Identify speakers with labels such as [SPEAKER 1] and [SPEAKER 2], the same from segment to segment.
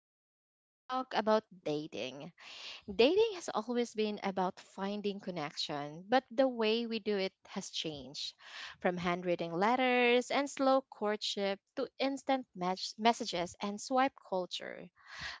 [SPEAKER 1] topic, we're going to talk about dating. Dating has always been about finding connection, but the way we do it has changed. From handwritten letters and slow courtship to instant messages and swipe culture,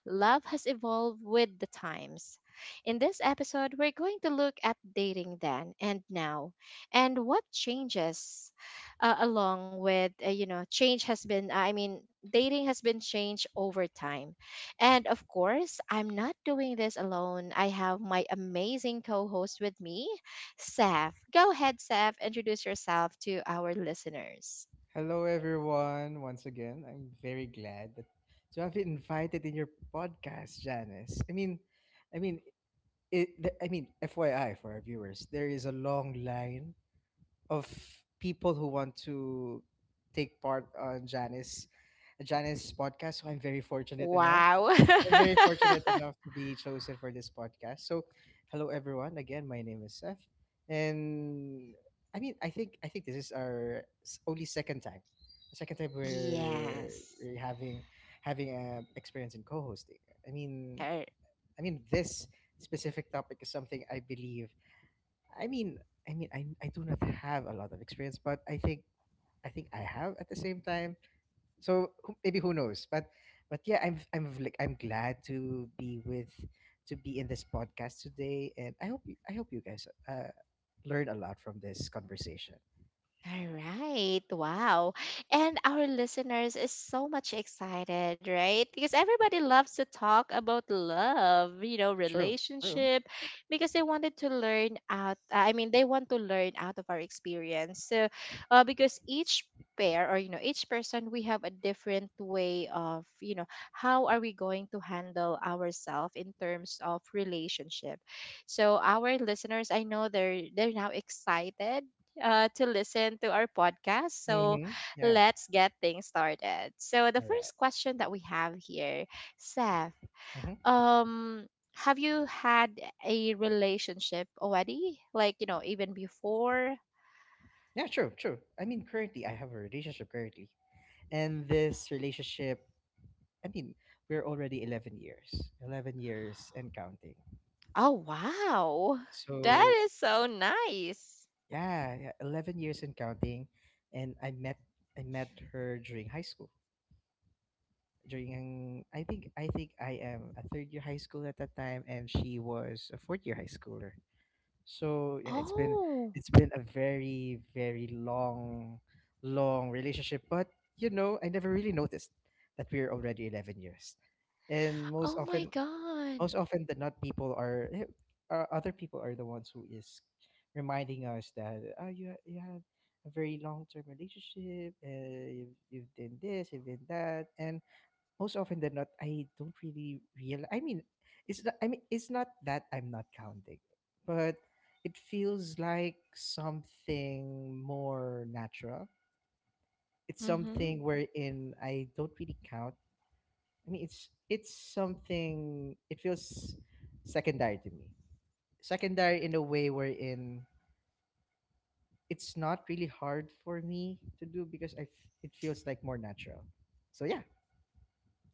[SPEAKER 1] love has evolved with the times. In this episode, we're going to look at dating then and now and what changes along with, change has been, I mean, dating has been changed over time. And of course, I'm not doing this alone. I have my amazing co host with me, Saf. Go ahead, Saf, introduce yourself to our listeners.
[SPEAKER 2] Hello, everyone. Once again, I'm very glad that to have been invited in your podcast, Janice. I mean, I mean, FYI for our viewers, there is a long line of people who want to take part on Janice podcast. So I'm very fortunate enough
[SPEAKER 1] Wow.
[SPEAKER 2] I'm very fortunate enough to be chosen for this podcast. So, hello everyone. Again, my name is Seth, and I mean, I think this is only second time we're,
[SPEAKER 1] Yes.
[SPEAKER 2] we're having a experience in co-hosting. I mean,
[SPEAKER 1] Er,
[SPEAKER 2] I mean this specific topic is something I believe. I mean, I do not have a lot of experience, but I think I have at the same time, so maybe who knows, but yeah, I'm like, I'm glad to be in this podcast today, and I hope you guys learn a lot from this conversation.
[SPEAKER 1] All right. Wow. And our listeners is so much excited, right? Because everybody loves to talk about love, you know,
[SPEAKER 2] True, true.
[SPEAKER 1] relationship, because they want to learn out of our experience. So, because each pair, or each person, we have a different way of how are we going to handle ourselves in terms of relationship. So our listeners, I know they're now excited, to listen to our podcast. So
[SPEAKER 2] Mm-hmm. Yeah.
[SPEAKER 1] let's get things started. So the
[SPEAKER 2] All right.
[SPEAKER 1] first question that we have here, Seth,
[SPEAKER 2] Mm-hmm.
[SPEAKER 1] um, have you had a relationship already? Like, even before?
[SPEAKER 2] Yeah. True, true. I mean, currently I have a relationship currently, and this relationship, I mean, we're already 11 years, 11 years and counting.
[SPEAKER 1] Oh, wow. That
[SPEAKER 2] So
[SPEAKER 1] is so nice.
[SPEAKER 2] yeah, yeah, 11 years and counting. And I met her during high school. I think I am a third year high school at that time, and she was a fourth year high schooler. So yeah, it's been
[SPEAKER 1] Oh,
[SPEAKER 2] it's been a very very long long relationship, but you know, I never really noticed that we're already 11 years. And
[SPEAKER 1] oh
[SPEAKER 2] most
[SPEAKER 1] my
[SPEAKER 2] often
[SPEAKER 1] God.
[SPEAKER 2] most often than not, other people are the ones who is reminding us that, oh, you have a very long term relationship. You've done this, you've done that. And most often than not, I don't really realize. I mean, it's not, I mean, it's not that I'm not counting, but it feels like something more natural. It's
[SPEAKER 1] Mm-hmm.
[SPEAKER 2] something wherein I don't really count. I mean, it's something. It feels secondary to me. Secondary in a way wherein it's not really hard for me to do, because it feels like more natural. So yeah.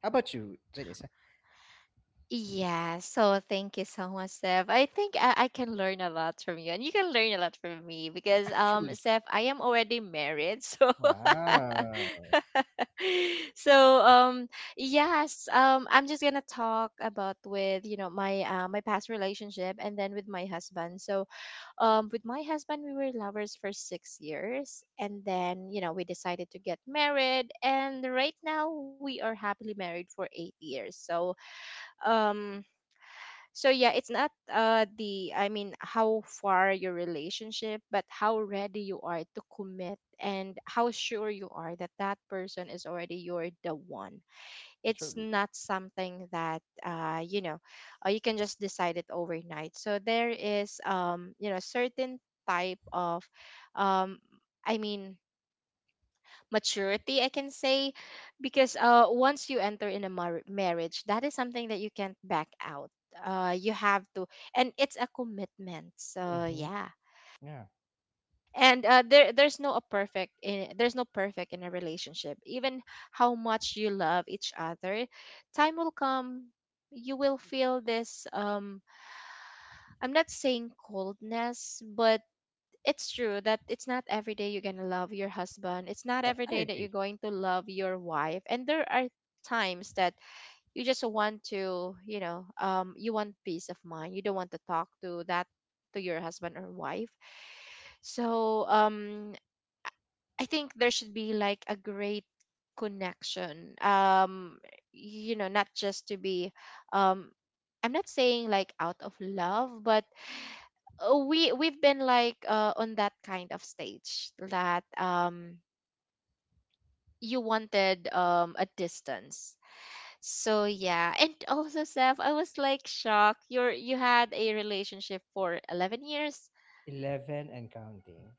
[SPEAKER 2] How about you, Janice?
[SPEAKER 1] Yeah, so thank you so much, Steph. I think I can learn a lot from you, and you can learn a lot from me because,
[SPEAKER 2] Actually,
[SPEAKER 1] Steph, I am already married, so
[SPEAKER 2] wow.
[SPEAKER 1] so yes, I'm just gonna talk about with my my past relationship and then with my husband. So with my husband, we were lovers for 6 years, and then we decided to get married, and right now we are happily married for 8 years. So um so yeah, it's not the I mean how far your relationship, but how ready you are to commit and how sure you are that that person is already your the one. It's
[SPEAKER 2] Truly.
[SPEAKER 1] not something that you can just decide it overnight. So there is certain type of um I mean maturity I can say, because once you enter in a marriage, that is something that you can't back out. Uh, you have to, and it's a commitment, so
[SPEAKER 2] Mm-hmm.
[SPEAKER 1] yeah.
[SPEAKER 2] Yeah,
[SPEAKER 1] And there's no a perfect in there's no perfect in a relationship. Even how much you love each other, time will come, you will feel this, I'm not saying coldness, but it's true that it's not every day you're going to love your husband. It's not
[SPEAKER 2] I,
[SPEAKER 1] every
[SPEAKER 2] I
[SPEAKER 1] day that you're
[SPEAKER 2] agree.
[SPEAKER 1] going to love your wife. And there are times that you just want to, you want peace of mind, you don't want to talk to that, to your husband or wife. So I think there should be like a great connection. Not just to be, um I'm not saying like out of love, but we've been like, on that kind of stage that you wanted a distance. So yeah, and also Seth, I was like shocked. You had a relationship for 11 years.
[SPEAKER 2] 11 and counting.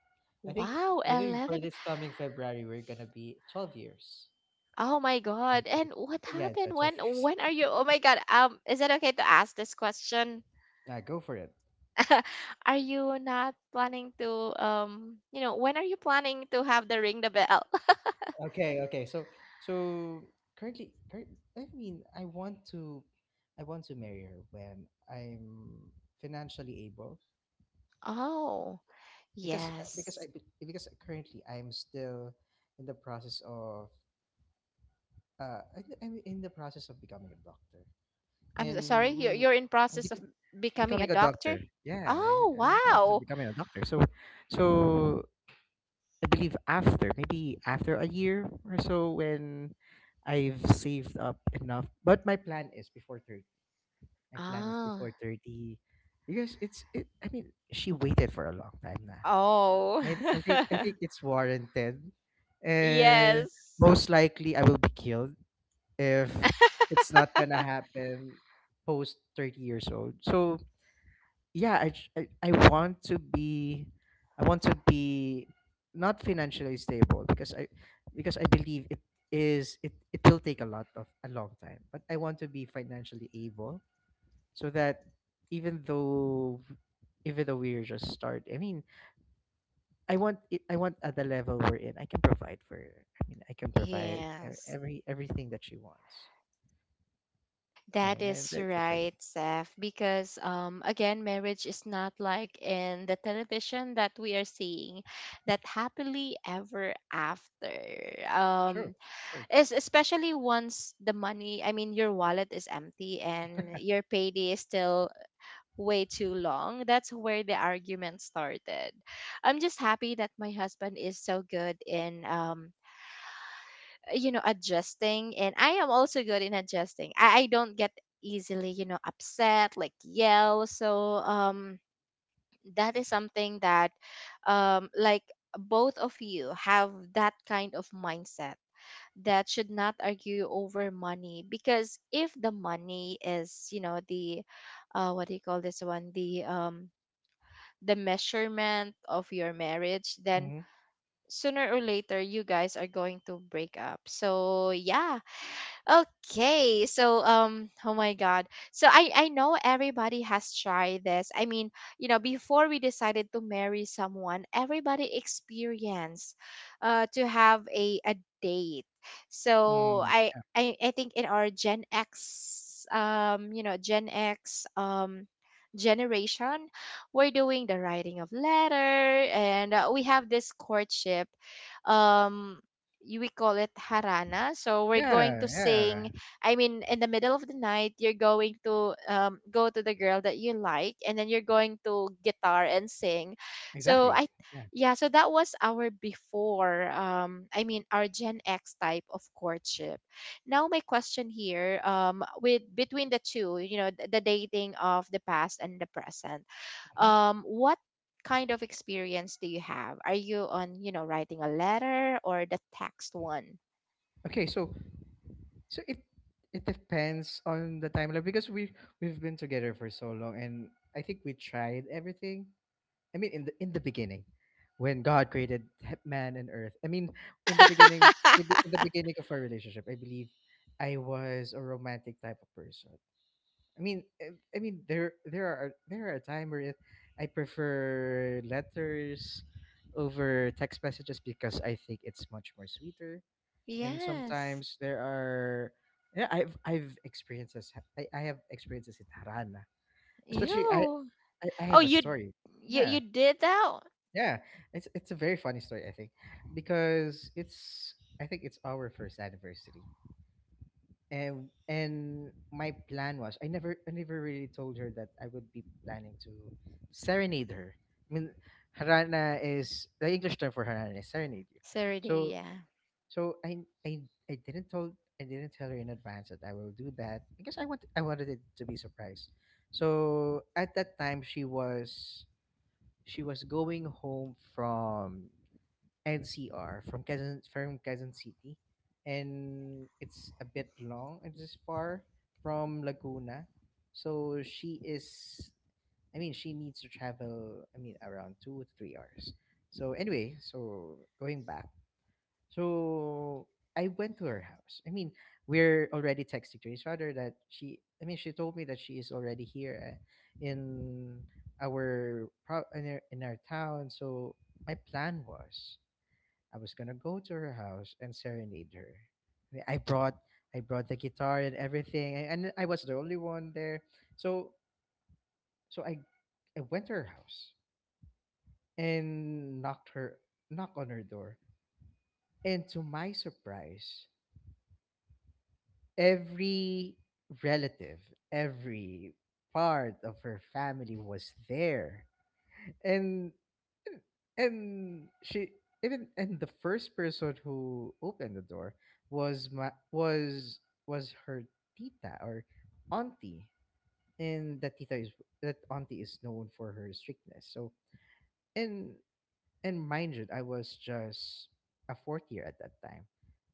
[SPEAKER 2] I think
[SPEAKER 1] Wow,
[SPEAKER 2] I think
[SPEAKER 1] 11.
[SPEAKER 2] for this coming February we're gonna be 12 years.
[SPEAKER 1] Oh my
[SPEAKER 2] One,
[SPEAKER 1] God.
[SPEAKER 2] two,
[SPEAKER 1] And
[SPEAKER 2] three.
[SPEAKER 1] what
[SPEAKER 2] Yeah, it's,
[SPEAKER 1] happened?
[SPEAKER 2] 12
[SPEAKER 1] When
[SPEAKER 2] years.
[SPEAKER 1] when are you? Oh my God. Is it okay to ask this question?
[SPEAKER 2] Go for it.
[SPEAKER 1] Are you not planning to When are you planning to have the ring the bell?
[SPEAKER 2] Okay, okay. So I mean, I want to marry her when I'm financially able,
[SPEAKER 1] Oh,
[SPEAKER 2] because
[SPEAKER 1] yes.
[SPEAKER 2] currently I'm still in the process of I'm in the process of becoming a doctor.
[SPEAKER 1] I'm
[SPEAKER 2] and.
[SPEAKER 1] so sorry. You're
[SPEAKER 2] mm,
[SPEAKER 1] you're in
[SPEAKER 2] I'm
[SPEAKER 1] process of
[SPEAKER 2] bec-
[SPEAKER 1] becoming a
[SPEAKER 2] Becoming a
[SPEAKER 1] doctor.
[SPEAKER 2] doctor. Yeah, I,
[SPEAKER 1] Oh
[SPEAKER 2] I'm in the process of
[SPEAKER 1] wow.
[SPEAKER 2] becoming a doctor. So I believe after maybe after a year or so when I've saved up enough. But my plan is before 30. My plan is
[SPEAKER 1] Ah.
[SPEAKER 2] before 30, because it's it. I mean, she waited for a long time now.
[SPEAKER 1] Oh.
[SPEAKER 2] I think it's warranted. Uh,
[SPEAKER 1] Yes.
[SPEAKER 2] most likely I will be killed if it's not gonna happen post 30 years old. So yeah, I want to be, i want to be not financially stable, because I believe it will take a lot of a long time, but I want to be financially able, so that even though even though we're just start I mean, I want at the level we're in, I can provide for her. I mean, I can provide
[SPEAKER 1] Yes,
[SPEAKER 2] everything that she wants.
[SPEAKER 1] that
[SPEAKER 2] And
[SPEAKER 1] is
[SPEAKER 2] that's it for me.
[SPEAKER 1] right, Seth. Because again, marriage is not like in the television that we are seeing, that happily ever after.
[SPEAKER 2] True,
[SPEAKER 1] Um,
[SPEAKER 2] true.
[SPEAKER 1] especially once the money, I mean, your wallet is empty and your payday is still way too long. That's where the argument started. I'm just happy that my husband is so good in adjusting, and i, am also good in adjusting. I don't get easily upset like yell, so that is something that, like, both of you have that kind of mindset, that should not argue over money, because if the money is, the, what do you call this one, the, the measurement of your marriage, then
[SPEAKER 2] Hmm.
[SPEAKER 1] sooner or later you guys are going to break up. So yeah. Okay, so oh my God. So I know everybody has tried this. I mean, before we decided to marry someone, everybody experienced, to have a date. So
[SPEAKER 2] Mm.
[SPEAKER 1] I think in our Gen X, Gen X generation, we're doing the writing of letter, and we have this courtship, um we call it harana. So we're going
[SPEAKER 2] Yeah,
[SPEAKER 1] to
[SPEAKER 2] yeah,
[SPEAKER 1] sing. I mean, in the middle of the night, you're going to, go to the girl that you like, and then you're going to guitar and sing. So
[SPEAKER 2] exactly. Yeah.
[SPEAKER 1] yeah. So that was our before. I mean, our Gen X type of courtship. Now my question here, with between the two, the dating of the past and the present,
[SPEAKER 2] Mhm.
[SPEAKER 1] what kind of experience do you have? Are you on, writing a letter or the text one?
[SPEAKER 2] Okay, so it depends on the timeline, because we we've been together for so long, and I think we tried everything. I mean, in the beginning when God created man and earth. I mean, in the beginning in the in the beginning of our relationship, I believe I was a romantic type of person. I mean, I mean, there are a time where I prefer letters over text messages, because I think it's much more sweeter. And
[SPEAKER 1] Yes.
[SPEAKER 2] sometimes there are, yeah, I have experiences in harana, especially I,
[SPEAKER 1] Ew.
[SPEAKER 2] I i
[SPEAKER 1] Oh,
[SPEAKER 2] have a
[SPEAKER 1] you
[SPEAKER 2] story.
[SPEAKER 1] you you
[SPEAKER 2] Yeah,
[SPEAKER 1] did that?
[SPEAKER 2] yeah. It's a very funny story. I think because it's i think it's our first anniversary, and my plan was, I never really told her that I would be planning to serenade her. I mean, harana is the English term for harana is serenade you.
[SPEAKER 1] Serenade,
[SPEAKER 2] So
[SPEAKER 1] yeah.
[SPEAKER 2] So I didn't told I didn't tell her in advance that I will do that, because I wanted it to be surprised. So at that time she was going home from NCR, from Quezon City, and it's a bit long. It's just far from Laguna, so she is. I mean, she needs to travel. I mean, around 2 to 3 hours. So anyway, so going back, so I went to her house. I mean, we're already texting to each other that she, I mean, she told me that she is already here, in our pro- in our town. So my plan was, I was gonna go to her house and serenade her. I mean, I brought the guitar and everything, and I was the only one there. So so I went to her house and knocked on her door, and to my surprise, every relative, every part of her family was there. And and she even and the first person who opened the door was my was her tita, or auntie. And that auntie is known for her strictness. So, and and mind you, I was just a fourth year at that time.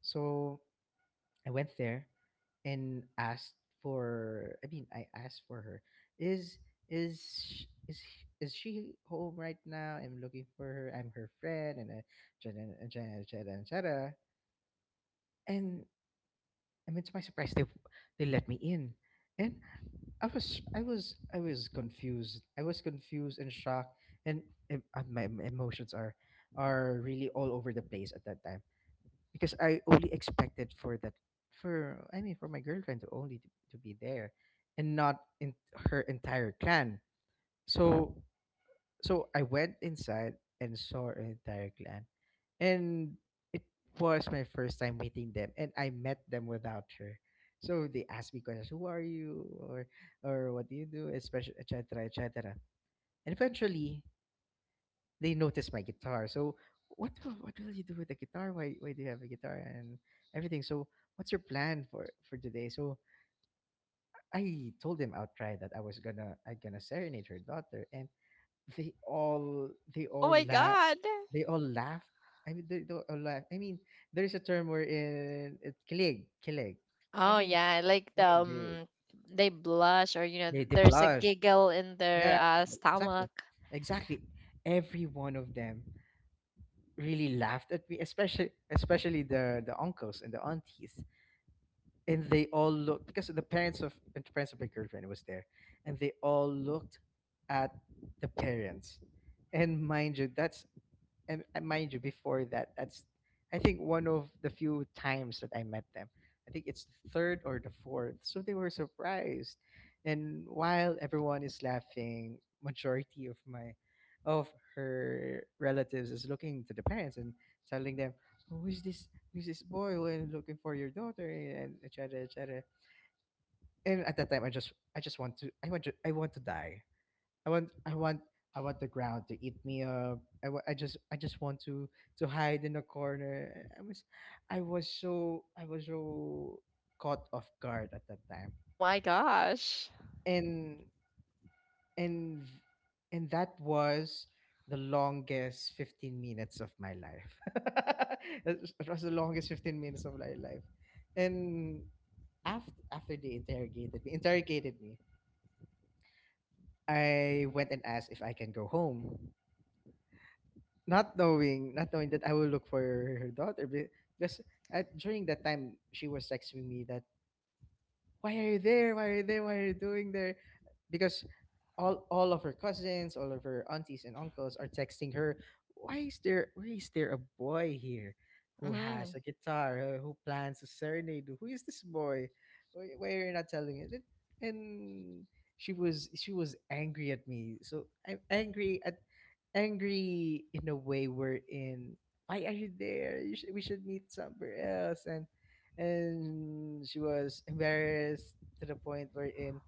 [SPEAKER 2] So I went there and asked for, I mean, I asked for her. Is is sh- is sh- is she home right now? I'm looking for her. I'm her friend. And, chat and, chat and chat and chat, and, I mean, to my surprise, they let me in. And I was I was I was confused and shocked. And, my emotions are, really all over the place at that time, because I only expected for that for I mean, for my girlfriend to only, to be there, and not in her entire clan. So so I went inside and saw her entire clan. And it was my first time meeting them, and I met them without her. So they asked me questions: who are you, or what do you do, especially et etc., etc. And eventually they noticed my guitar. So what what will you do with the guitar? Why do you have a guitar and everything? So what's your plan for, today? So I told them outright that I gonna serenade her daughter, and they all they
[SPEAKER 1] Oh
[SPEAKER 2] all
[SPEAKER 1] my
[SPEAKER 2] la
[SPEAKER 1] God.
[SPEAKER 2] they all laughed. I mean, they all laughed. I mean, there is a term where in it's kilig kilig. I
[SPEAKER 1] Oh
[SPEAKER 2] mean
[SPEAKER 1] yeah, like the,
[SPEAKER 2] I mean,
[SPEAKER 1] they blush, or
[SPEAKER 2] they
[SPEAKER 1] there's a
[SPEAKER 2] blush.
[SPEAKER 1] giggle in their
[SPEAKER 2] Yeah, exactly,
[SPEAKER 1] stomach.
[SPEAKER 2] exactly. Every one of them really laughed at me, especially the uncles and the aunties, and they all looked, because the parents of, my girlfriend was there, and they all looked at the parents. And, mind you, that's, and mind you, before that, that's, I think, one of the few times that I met them. I think it's the third or the fourth. So they were surprised. And while everyone is laughing, majority of my, of her relatives is looking to the parents and telling them: who is this, boy when looking for your daughter, and etc., etc. And at that time I just, I just want to I want to die. I want I want I want the ground to eat me up. I just want to, hide in a corner. I was I was so caught off guard at that time.
[SPEAKER 1] Oh my gosh.
[SPEAKER 2] And and and that was the longest 15 minutes of my life. it was That was the longest 15 minutes of my life. And after they interrogated me, I went and asked if I can go home. Not knowing that I will look for her daughter because during that time she was texting me that why are you there, why are you doing there because all of her cousins, all of her aunties and uncles are texting her, why is there a boy here who has
[SPEAKER 1] Hmm.
[SPEAKER 2] a guitar, who plans a serenade, who is this boy, why are you not telling it. And she was angry at me, so I'm angry at, angry in a way we're in. Why are you there? We should meet somewhere else. And she was embarrassed to the point where in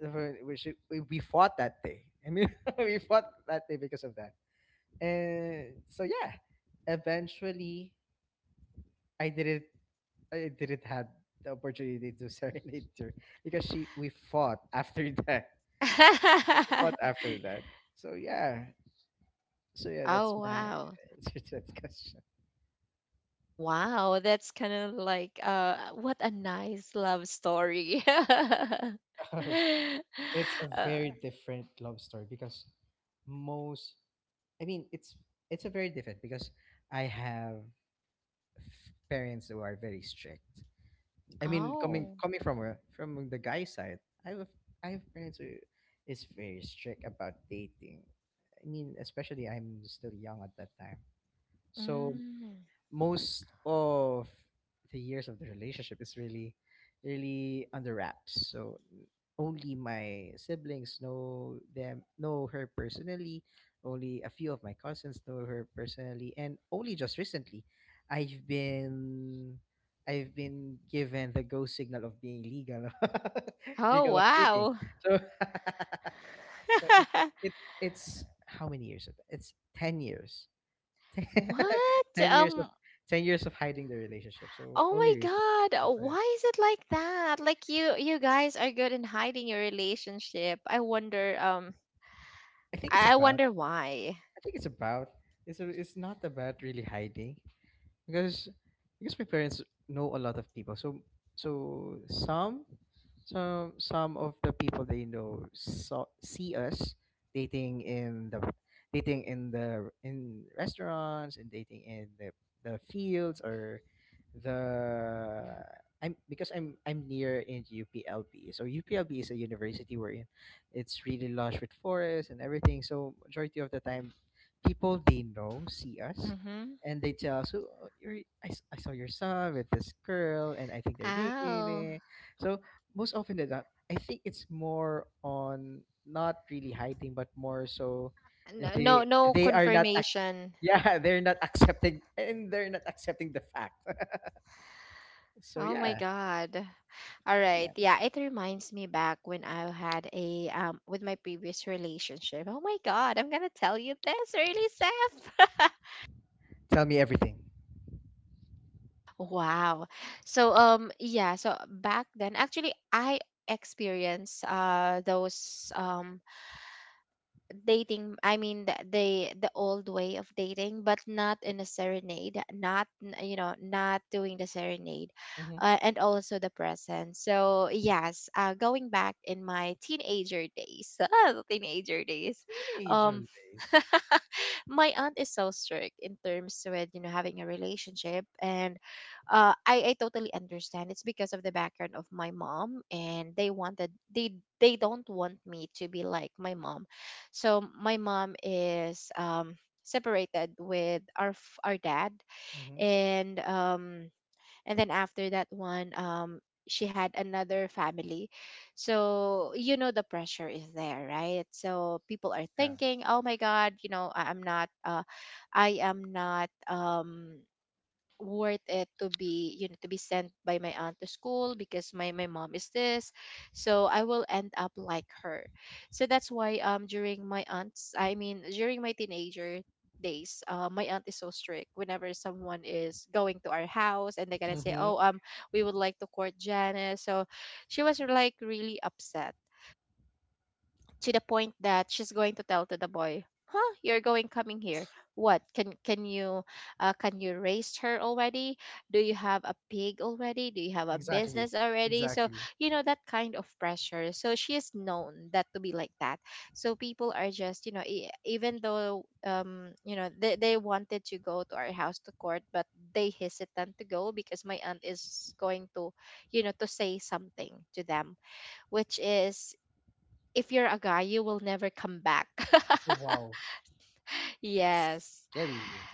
[SPEAKER 2] where we fought that day. I mean, we fought that day because of that. And so yeah, eventually I didn't I didn't have the opportunity to serenade her because she we fought after that. We fought after that. So yeah, that's
[SPEAKER 1] Oh
[SPEAKER 2] my
[SPEAKER 1] wow.
[SPEAKER 2] answer to that question.
[SPEAKER 1] Wow, that's kind of like what a nice love story.
[SPEAKER 2] It's a
[SPEAKER 1] Uh,
[SPEAKER 2] very different love story because most I mean, it's a very different because I have parents who are very strict. I mean coming
[SPEAKER 1] oh.
[SPEAKER 2] coming from a, from the guy side, I have I have parents who is very strict about dating. I mean especially I'm still young at that time. So
[SPEAKER 1] Mm.
[SPEAKER 2] most of the years of the relationship is really under wraps, so only my siblings know them, know her personally, only a few of my cousins know her personally, and only just recently i've been I've been given the go signal of being legal
[SPEAKER 1] Oh,
[SPEAKER 2] legal of dating.
[SPEAKER 1] wow.
[SPEAKER 2] So so it, it it's how many years of that? It's 10 years
[SPEAKER 1] What?
[SPEAKER 2] 10 years of 10 years of hiding the relationship. So
[SPEAKER 1] Oh my
[SPEAKER 2] only recently. That's
[SPEAKER 1] God,
[SPEAKER 2] why
[SPEAKER 1] why is it like that? Like, you guys are good in hiding your relationship. I wonder um
[SPEAKER 2] I think it's
[SPEAKER 1] I I
[SPEAKER 2] about.
[SPEAKER 1] wonder why.
[SPEAKER 2] I think it's about. It's a, it's not about really hiding. because because my parents know a lot of people, so so some some of the people they know saw, see us dating in the, dating in the, in restaurants, and dating in the fields, or the, I'm near in UPLB. So UPLB is a university wherein it's really lush with forests and everything. So majority of the time people they know see us
[SPEAKER 1] Mm-hmm.
[SPEAKER 2] and they tell us, so, you're, I saw your son with this girl, and I think they're
[SPEAKER 1] Oh.
[SPEAKER 2] dating. So most often than not, I think it's more on not really hiding, but more so
[SPEAKER 1] No,
[SPEAKER 2] they
[SPEAKER 1] no, no
[SPEAKER 2] they are not ac-
[SPEAKER 1] confirmation.
[SPEAKER 2] yeah, they're not accepting, and they're not accepting the fact. So
[SPEAKER 1] Oh my
[SPEAKER 2] yeah,
[SPEAKER 1] God. All
[SPEAKER 2] so
[SPEAKER 1] right.
[SPEAKER 2] yeah,
[SPEAKER 1] Yeah, it reminds me back when I had a, with my previous relationship. Oh my God, I'm gonna tell you this really, Seth.
[SPEAKER 2] tell me everything.
[SPEAKER 1] Wow. So yeah, so back then actually I experienced, those, dating, I mean, the old way of dating, but not in a serenade, not not doing the serenade,
[SPEAKER 2] Mm-hmm.
[SPEAKER 1] and also the present. So yes, going back in my teenager days, teenager days,
[SPEAKER 2] Teenager
[SPEAKER 1] um
[SPEAKER 2] days.
[SPEAKER 1] my aunt is so strict in terms with, having a relationship, and I totally understand, it's because of the background of my mom, and they don't want me to be like my mom. So my mom is, separated with our our dad,
[SPEAKER 2] Mm-hmm.
[SPEAKER 1] and then after that one, she had another family. So the pressure is there, right? So people are
[SPEAKER 2] Yeah.
[SPEAKER 1] thinking, oh my God, I'm not, I am not, worth it to be, to be sent by my aunt to school, because my mom is this, so I will end up like her. So that's why, during my teenager days, my aunt is so strict. Whenever someone is going to our house and they're gonna say,
[SPEAKER 2] Mm-hmm.
[SPEAKER 1] oh, we would like to court Janice, so she was like really upset, to the point that she's going to tell to the boy, you're going coming here, what can you raise her already, do you have a pig already, do you have a
[SPEAKER 2] Exactly.
[SPEAKER 1] business already? So
[SPEAKER 2] Exactly.
[SPEAKER 1] that kind of pressure. So she is known that to be like that. So people are just, even though, they wanted to go to our house to court, but they hesitant to go because my aunt is going to, to say something to them, which is, if you're a guy, you will never come back.
[SPEAKER 2] Oh wow,
[SPEAKER 1] Yes.
[SPEAKER 2] scary.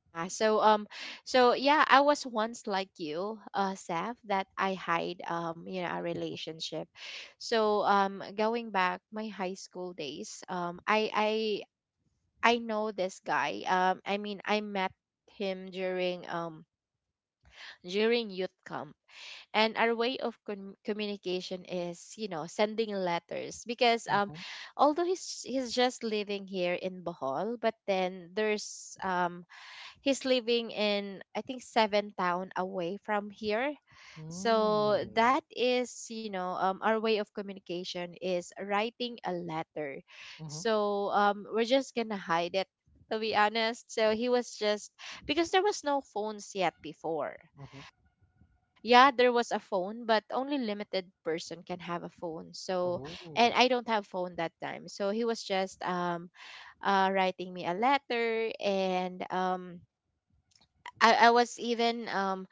[SPEAKER 1] Yeah. So yeah, I was once like you, Seth, that I hide, a relationship. So going back my high school days, I know this guy. I mean I met him during youth camp, and our way of communication is, you know, sending letters, because
[SPEAKER 2] Mhm.
[SPEAKER 1] although he's just living here in Bohol, but then there's he's living in, I think, seven town away from here. So
[SPEAKER 2] Mm.
[SPEAKER 1] that is, you know, our way of communication is writing a letter.
[SPEAKER 2] Mhm,
[SPEAKER 1] So we're just gonna hide it, to be honest. So he was just, because there was no phones yet before.
[SPEAKER 2] mhm.
[SPEAKER 1] Yeah, there was a phone, but only limited person can have a phone. So and
[SPEAKER 2] Oh.
[SPEAKER 1] I don't have phone that time, so he was just writing me a letter. And I was even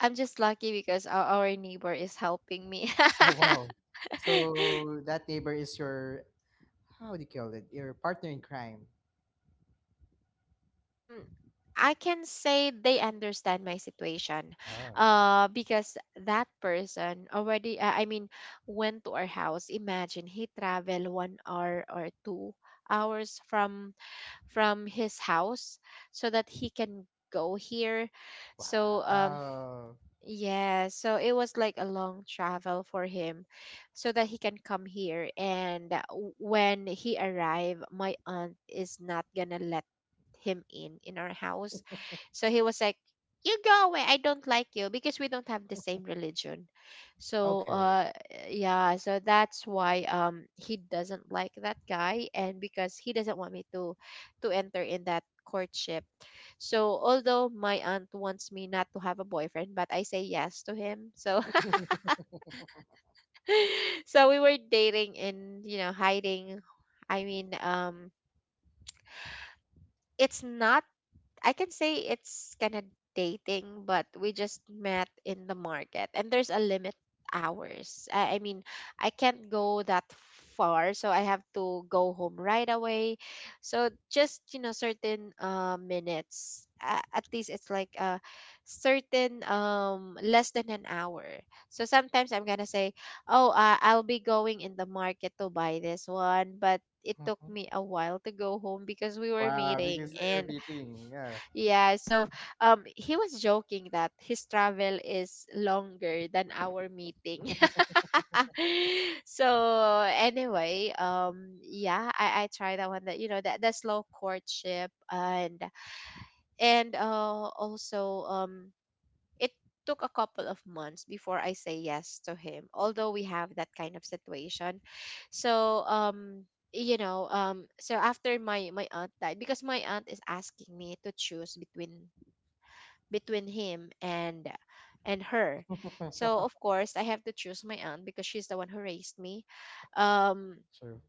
[SPEAKER 1] I'm just lucky because our neighbor is helping me.
[SPEAKER 2] Oh, wow. So that neighbor is your, how do you call it? Your partner in crime.
[SPEAKER 1] um I can say they understand my situation,
[SPEAKER 2] Oh,
[SPEAKER 1] uh, because that person already I mean went to our house. Imagine he traveled 1 hour or 2 hours from his house, so that he can go here. So
[SPEAKER 2] wow.
[SPEAKER 1] yeah, so it was like a long travel for him, so that he can come here. And when he arrived, my aunt is not gonna let him in our house. So he was like, "You go away. I don't like you because we don't have the same religion." So
[SPEAKER 2] Okay.
[SPEAKER 1] yeah, so that's why he doesn't like that guy, and because he doesn't want me to enter in that courtship. So although my aunt wants me not to have a boyfriend, but I say yes to him. So so we were dating and, you know, hiding. I mean um it's not, I can say it's kind of dating, but we just met in the market, and there's a limit hours. I mean, I can't go that far, so I have to go home right away. So just, you know, certain minutes. At least it's like a certain less than an hour. So sometimes I'm gonna say, oh, I'll be going in the market to buy this one, but it took
[SPEAKER 2] Mhm.
[SPEAKER 1] me a while to go home because we were
[SPEAKER 2] Wow,
[SPEAKER 1] meeting.
[SPEAKER 2] because they're
[SPEAKER 1] And
[SPEAKER 2] beating. Yeah.
[SPEAKER 1] yeah, so he was joking that his travel is longer than our meeting. So anyway, yeah, I tried that one, that, you know, that the slow courtship. And also it took a couple of months before I say yes to him, although we have that kind of situation. So, um, so after my my aunt died, because my aunt is asking me to choose between between him and her. So of course I have to choose my aunt because she's the one who raised me. Um,
[SPEAKER 2] True.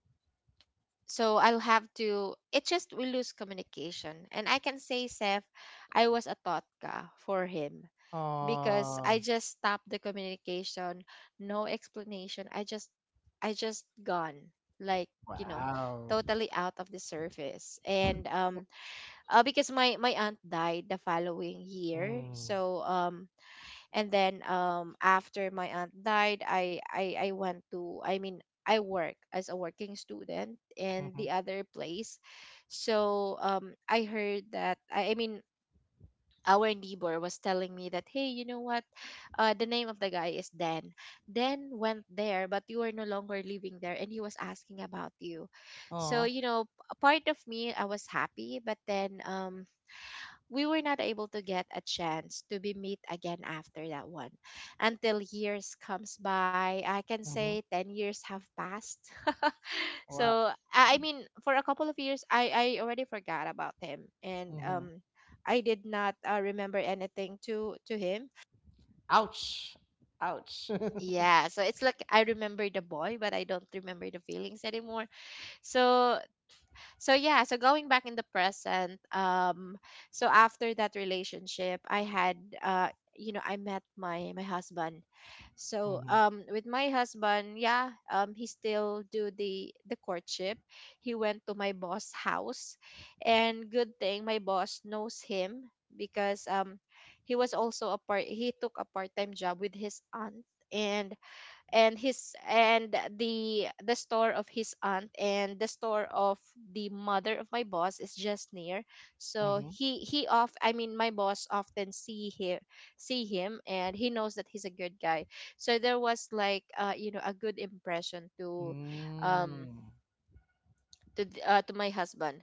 [SPEAKER 1] so I'll have to. It just we lose communication, and I can say, Seth, I was a totka for him, because I
[SPEAKER 2] Oh,
[SPEAKER 1] just stopped the communication, no explanation. I just gone, like, you know,
[SPEAKER 2] wow.
[SPEAKER 1] totally out of the surface. And because my aunt died the following year.
[SPEAKER 2] Mm.
[SPEAKER 1] So and then after my aunt died, I went to, I mean, I work as a working student in
[SPEAKER 2] Mm-hmm.
[SPEAKER 1] the other place. So I heard that I mean our neighbor was telling me that, hey, you know what, the name of the guy is Dan. Dan went there, but you are no longer living there, and he was asking about you. So,
[SPEAKER 2] Oh.
[SPEAKER 1] you know, a part of me I was happy, but then we were not able to get a chance to be meet again after that one, until years comes by, I can say
[SPEAKER 2] Mm-hmm.
[SPEAKER 1] 10 years have passed.
[SPEAKER 2] Wow.
[SPEAKER 1] So I mean, for a couple of years, I already forgot about him. And
[SPEAKER 2] Mm-hmm.
[SPEAKER 1] I did not remember anything to him.
[SPEAKER 2] Ouch. Ouch.
[SPEAKER 1] Yeah, so it's like I remember the boy, but I don't remember the feelings anymore. So so yeah, so going back in the present, so after that relationship I had, uh you know, I met my my husband. So
[SPEAKER 2] Mm-hmm.
[SPEAKER 1] with my husband, yeah, he still do the courtship. He went to my boss house, and good thing my boss knows him, because he was also a part, he took a part-time job with his aunt. and and his and the store of his aunt and the store of the mother of my boss is just near. So
[SPEAKER 2] Mm-hmm.
[SPEAKER 1] he off I mean my boss often see him see him, and he knows that he's a good guy. So there was like you know, a good impression to um
[SPEAKER 2] Mm.
[SPEAKER 1] to my husband.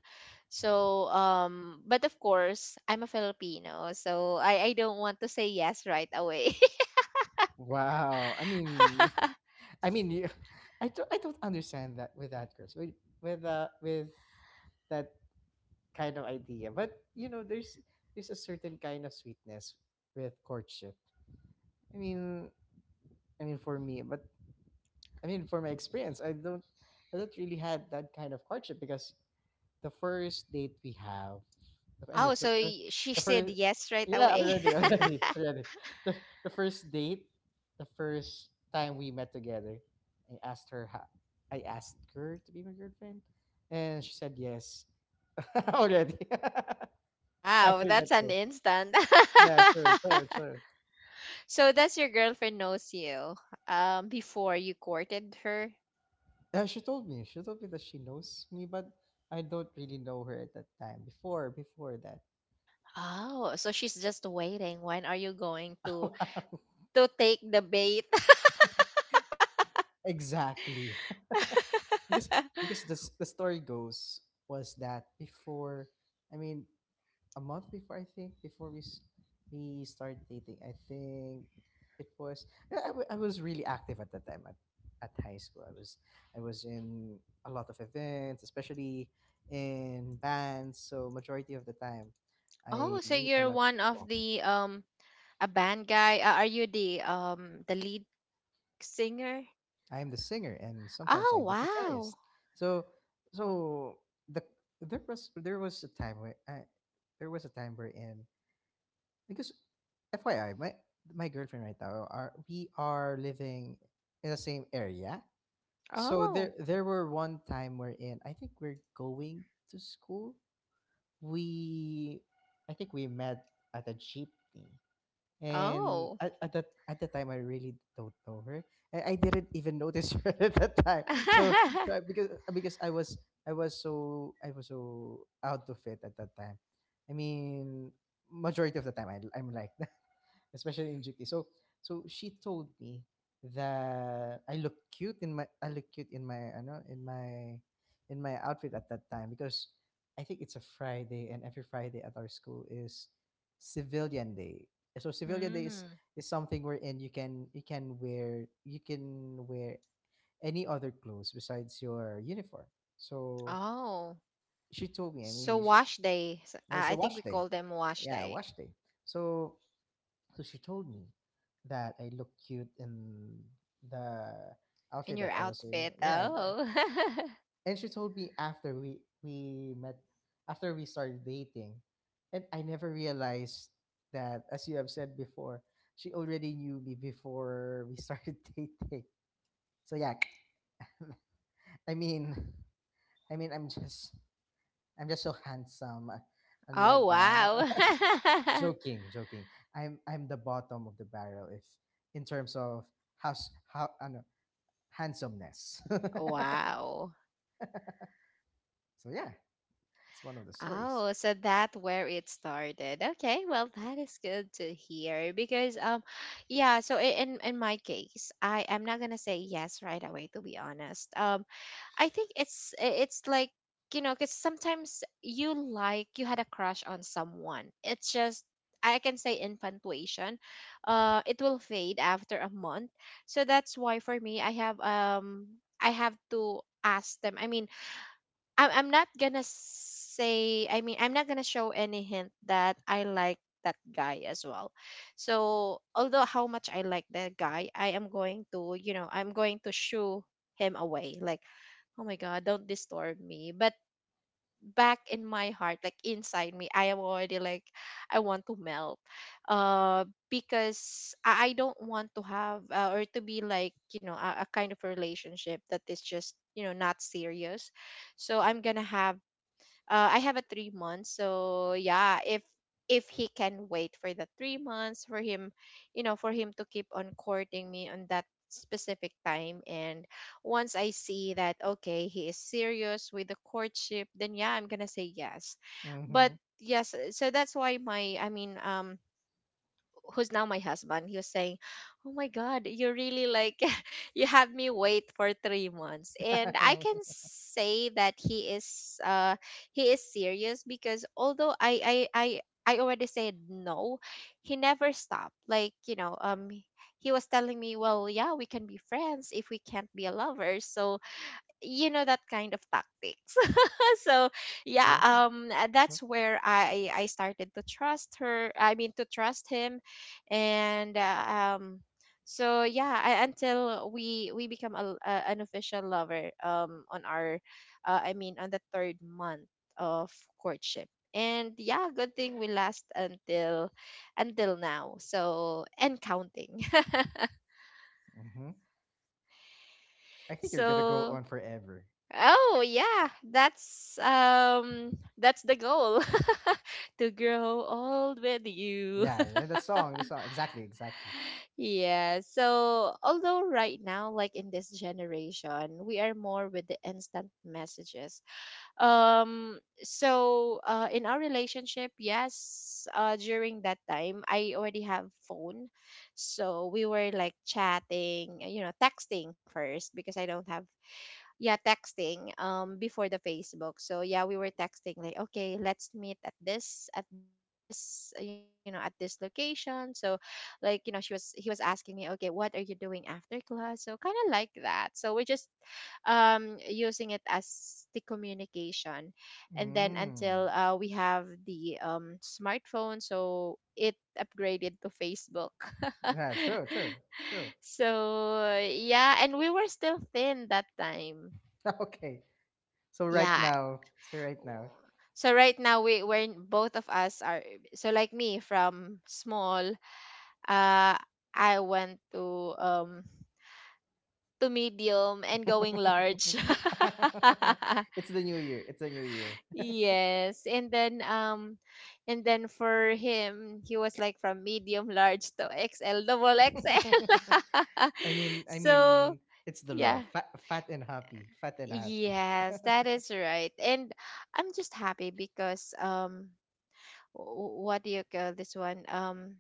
[SPEAKER 1] So but of course, I'm a Filipino, so I don't want to say yes right away.
[SPEAKER 2] Wow. I mean, you, I don't understand that with that, Chris. With with that kind of idea, but you know, there's a certain kind of sweetness with courtship. I mean, I mean for me, but I mean for my experience, I don't really had that kind of courtship because the first date we have, the, and the,
[SPEAKER 1] Oh,
[SPEAKER 2] fir-
[SPEAKER 1] so she
[SPEAKER 2] the
[SPEAKER 1] said
[SPEAKER 2] first,
[SPEAKER 1] yes right
[SPEAKER 2] yeah,
[SPEAKER 1] away.
[SPEAKER 2] already, already, already. The first date, the first time we met together, I asked her, I asked her to be my girlfriend, and she said yes already.
[SPEAKER 1] Wow,
[SPEAKER 2] After that
[SPEAKER 1] that's an
[SPEAKER 2] day,
[SPEAKER 1] instant.
[SPEAKER 2] yeah, true, true, true.
[SPEAKER 1] So that's your girlfriend knows you before you courted her.
[SPEAKER 2] Yeah, she told me that she knows me, but I don't really know her at that time. Before, before that,
[SPEAKER 1] Oh, so she's just waiting. When are you going
[SPEAKER 2] wow.
[SPEAKER 1] to take the bait?
[SPEAKER 2] Exactly. because because the story goes was that before, I mean a month before, I think before we started dating, I think it was, I was really active at that time, at high school. I was in a lot of events, especially in bands, so majority of the time I
[SPEAKER 1] Oh, so
[SPEAKER 2] meet a
[SPEAKER 1] you're
[SPEAKER 2] lot of
[SPEAKER 1] one of
[SPEAKER 2] people.
[SPEAKER 1] the a band guy. Are you the lead singer?
[SPEAKER 2] I am the singer, and sometimes
[SPEAKER 1] Oh,
[SPEAKER 2] I'm the
[SPEAKER 1] wow.
[SPEAKER 2] guitarist. So, so the there was a time where there was a time where in because, FYI, my girlfriend right now are we are living in the same area. So
[SPEAKER 1] Oh.
[SPEAKER 2] there were one time we're in. I think we're going to school. We, I think we met at a jeepney. And
[SPEAKER 1] Oh.
[SPEAKER 2] at the time, I really don't know her. I didn't even notice her at that time. So, so because I was so out of it at that time. I mean, majority of the time I'm like that, especially in GT. So so she told me that I know in my outfit at that time because I think it's a Friday, and every Friday at our school is civilian day. So civilian day
[SPEAKER 1] Mm.
[SPEAKER 2] is something wherein you can wear any other clothes besides your uniform. So
[SPEAKER 1] Oh.
[SPEAKER 2] she told me,
[SPEAKER 1] So wash day.
[SPEAKER 2] it's a
[SPEAKER 1] I think
[SPEAKER 2] wash
[SPEAKER 1] we
[SPEAKER 2] day.
[SPEAKER 1] call them wash
[SPEAKER 2] Yeah,
[SPEAKER 1] day.
[SPEAKER 2] wash day. So so she told me that I look cute in the
[SPEAKER 1] In
[SPEAKER 2] outfit
[SPEAKER 1] your
[SPEAKER 2] that I was wearing.
[SPEAKER 1] outfit. Oh.
[SPEAKER 2] And she told me after we met, after we started dating, and I never realized that, as you have said before, she already knew me before we started dating. So yeah, I mean, I mean, I'm just so handsome and
[SPEAKER 1] Oh,
[SPEAKER 2] like that.
[SPEAKER 1] wow.
[SPEAKER 2] Joking, joking. I'm the bottom of the barrel if in terms of house how ano, handsomeness.
[SPEAKER 1] Wow.
[SPEAKER 2] So yeah, it's one of the stories.
[SPEAKER 1] Oh, so that where it started. Okay, well, that is good to hear, because yeah, so in my case, I am not going to say yes right away, to be honest. I think it's like, you know, because sometimes you like you had a crush on someone. It's just, I can say, infatuation. It will fade after a month. So that's why for me I have to ask them. I mean, I'm not gonna say, I mean, I'm not gonna show any hint that I like that guy as well. So, although how much I like that guy, I am going to, you know, I'm going to shoo him away. Like, oh my God, don't disturb me. But back in my heart, like inside me, I am already like I want to melt. uh because I don't want to have or to be like, you know, a kind of relationship that is just, you know, not serious. So I'm gonna have I have a 3 months. So yeah, if he can wait for the 3 months for him, you know, for him to keep on courting me on that specific time, and once I see that okay, he is serious with the courtship, then yeah, I'm gonna say yes. But
[SPEAKER 2] Mm-hmm.
[SPEAKER 1] yes, so that's why my, I mean, who's now my husband, he was saying, "Oh my God, you really like you have me wait for 3 months." And I can say that he is serious, because although I already said no, he never stopped. Like, you know. He was telling me, well, yeah, we can be friends if we can't be a lover. So, you know, that kind of tactics. So yeah,
[SPEAKER 2] True.
[SPEAKER 1] that's where I started to trust her, I mean to trust him. And um so yeah, until we become an official lover on our I mean on the third month of courtship. And yeah, good thing we last until now. So and counting.
[SPEAKER 2] Mm-hmm. I think you're gonna go
[SPEAKER 1] So
[SPEAKER 2] on forever.
[SPEAKER 1] oh yeah, that's the goal. To grow old with you.
[SPEAKER 2] Yeah, yeah, that song, the song. Exactly, exactly.
[SPEAKER 1] Yeah, so although right now, like in this generation, we are more with the instant messages. So uh, in our relationship, yes, uh, during that time I already have phone. So we were like chatting, you know, texting first, because I don't have, yeah, texting before the Facebook. So yeah, we were texting like, okay, let's meet at this at this, you know, at this location. So, like, you know, she was he was asking me, okay, what are you doing after class, so kind of like that. So we're just using it as the communication. And then
[SPEAKER 2] Mm.
[SPEAKER 1] until we have the smartphone, so it upgraded to Facebook.
[SPEAKER 2] Yeah, true, true, true.
[SPEAKER 1] So yeah, and we were still thin that time.
[SPEAKER 2] Okay.
[SPEAKER 1] Yeah.
[SPEAKER 2] So right now.
[SPEAKER 1] So right now we we're both of us are so like me, from small, uh I went to medium and going large.
[SPEAKER 2] It's the new year. It's the new year.
[SPEAKER 1] Yes. And then for him, he was like from medium large to XL double XL.
[SPEAKER 2] I
[SPEAKER 1] So
[SPEAKER 2] mean, it's the
[SPEAKER 1] yeah.
[SPEAKER 2] love. Fat, fat and happy. Fat and happy.
[SPEAKER 1] Yes, that is right. And I'm just happy because what do you call this one?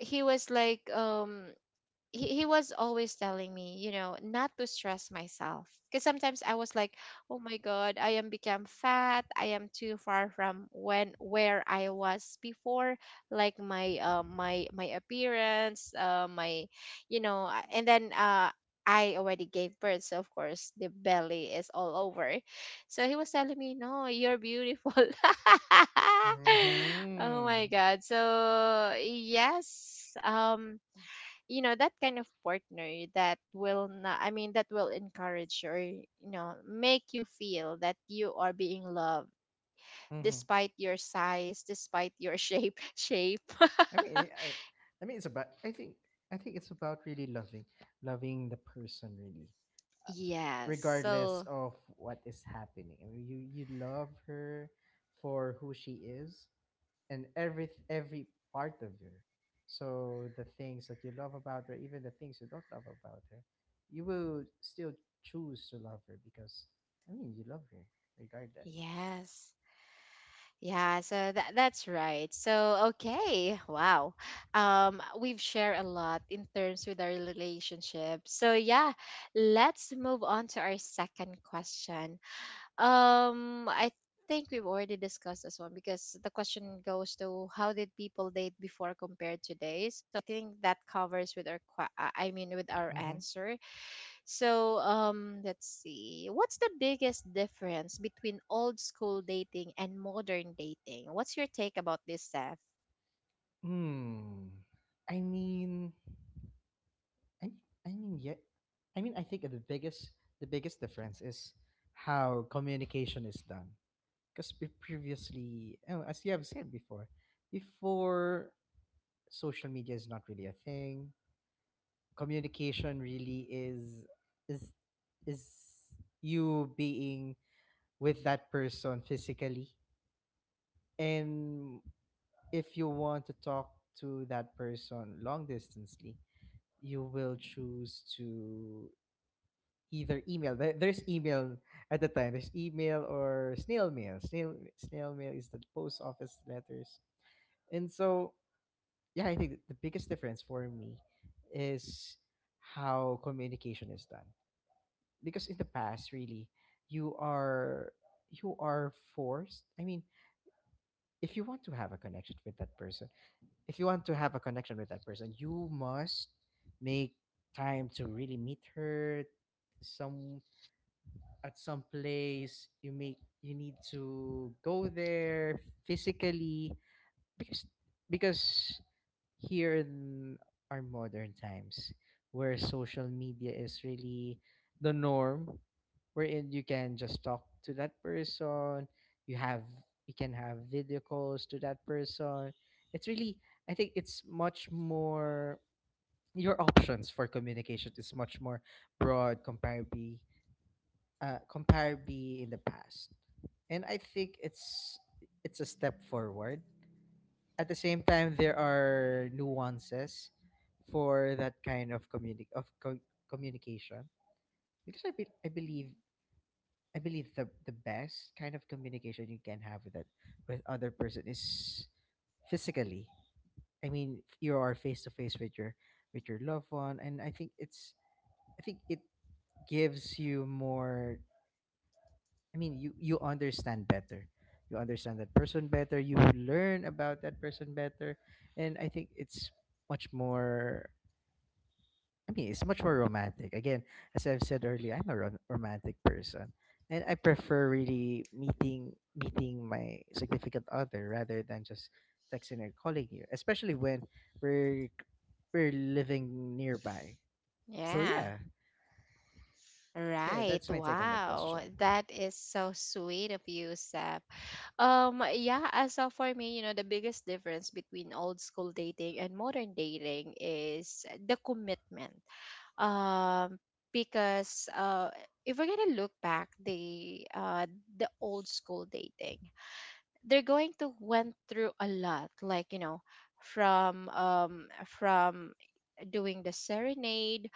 [SPEAKER 1] He was like he was always telling me, you know, not to stress myself. Because sometimes I was like, oh my God, I am become fat. I am too far from when where I was before, like my my my appearance, my, you know, and then I already gave birth, so of course the belly is all over. So he was telling me, no, you're beautiful. Oh my
[SPEAKER 2] Mm-hmm.
[SPEAKER 1] God. So yes, you know, that kind of partner that will not, I mean that will encourage, or you know, make you feel that you are being loved
[SPEAKER 2] Mm-hmm.
[SPEAKER 1] despite your size, despite your shape. Shape.
[SPEAKER 2] I mean, I, I mean, it's about. I think. I think it's about really loving, loving the person really.
[SPEAKER 1] Yes.
[SPEAKER 2] Regardless
[SPEAKER 1] so
[SPEAKER 2] of what is happening. I mean, you love her for who she is and every part of her. So the things that you love about her, even the things you don't love about her, you will still choose to love her because I mean you love her regardless.
[SPEAKER 1] yes yeah so that that's right so okay, wow. We've shared a lot in terms with our relationship, so yeah, let's move on to our second question. I think we've already discussed this one, because the question goes to how did people date before compared today? So I think that covers with our i mean with our
[SPEAKER 2] Mm-hmm.
[SPEAKER 1] answer. So let's see. What's the biggest difference between old school dating and modern dating? What's your take about this, Seth?
[SPEAKER 2] Hmm. I mean, I I mean yeah, I mean I think the biggest difference is how communication is done. Because previously, oh, as you have said before, before social media is not really a thing, communication really is is is you being with that person physically, and if you want to talk to that person long distancely, you will choose to either email. There's email at the time. There's email or snail mail. Snail mail is the post office letters. And so, yeah, I think the biggest difference for me is how communication is done. Because in the past, really, you are you are forced. I mean, if you want to have a connection with that person, if you want to have a connection with that person, you must make time to really meet her some at some place. You need to go there physically because because here in our modern times where social media is really the norm, wherein you can just talk to that person, you have you can have video calls to that person. It's really, I think it's much more, your options for communication is much more broad comparably, comparably in the past. And I think it's a step forward. At the same time, there are nuances for that kind of communication, because I believe the best kind of communication you can have with that with other person is physically. I mean, you are face to face with your loved one, and I think it's I think it gives you more. I mean, you understand better. You understand that person better. You learn about that person better, and I think it's much more. I mean, it's much more romantic. Again, as I've said earlier, I'm a romantic person, and I prefer really meeting my significant other rather than just texting or calling you, especially when we're we're living nearby. So
[SPEAKER 1] Yeah.
[SPEAKER 2] yeah, so yeah,
[SPEAKER 1] Right.
[SPEAKER 2] that's my take on that
[SPEAKER 1] Wow.
[SPEAKER 2] question.
[SPEAKER 1] That is so sweet of you, Seth. Yeah, as of for me, you know, the biggest difference between old school dating and modern dating is the commitment. Um, because if we're gonna look back the old school dating, they're going to went through a lot, like you know, from doing the serenade,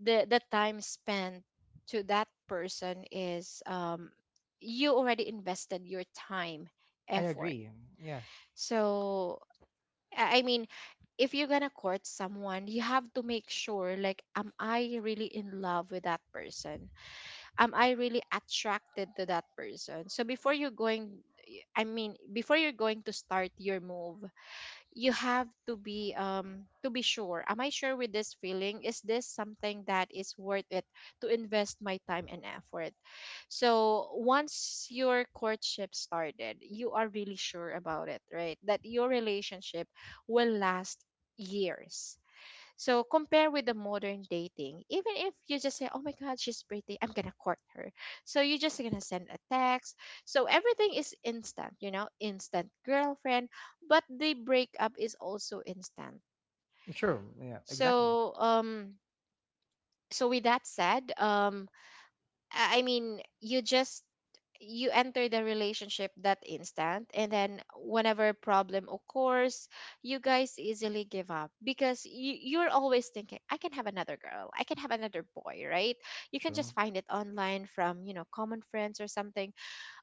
[SPEAKER 1] the time spent to that person is, you already invested your time,
[SPEAKER 2] I
[SPEAKER 1] effort.
[SPEAKER 2] agree. Yeah,
[SPEAKER 1] So I mean, if you're gonna court someone, you have to make sure, like, am I really in love with that person? Am I really attracted to that person? So before you're going, I mean, before you're going to start your move, you have to be, to be sure, am I sure with this feeling? Is this something that is worth it to invest my time and effort? So once your courtship started, you are really sure about it, right? That your relationship will last years. So compare with the modern dating. Even if you just say, "Oh my God, she's pretty," I'm gonna court her. So you're just gonna send a text. So everything is instant, you know, instant girlfriend. But the breakup is also instant.
[SPEAKER 2] sure. Yeah, exactly.
[SPEAKER 1] So so with that said, I mean, you just, you enter the relationship that instant, and then whenever problem occurs, you guys easily give up because you're always thinking, I can have another girl, I can have another boy, right? You can
[SPEAKER 2] True.
[SPEAKER 1] just find it online from, you know, common friends or something.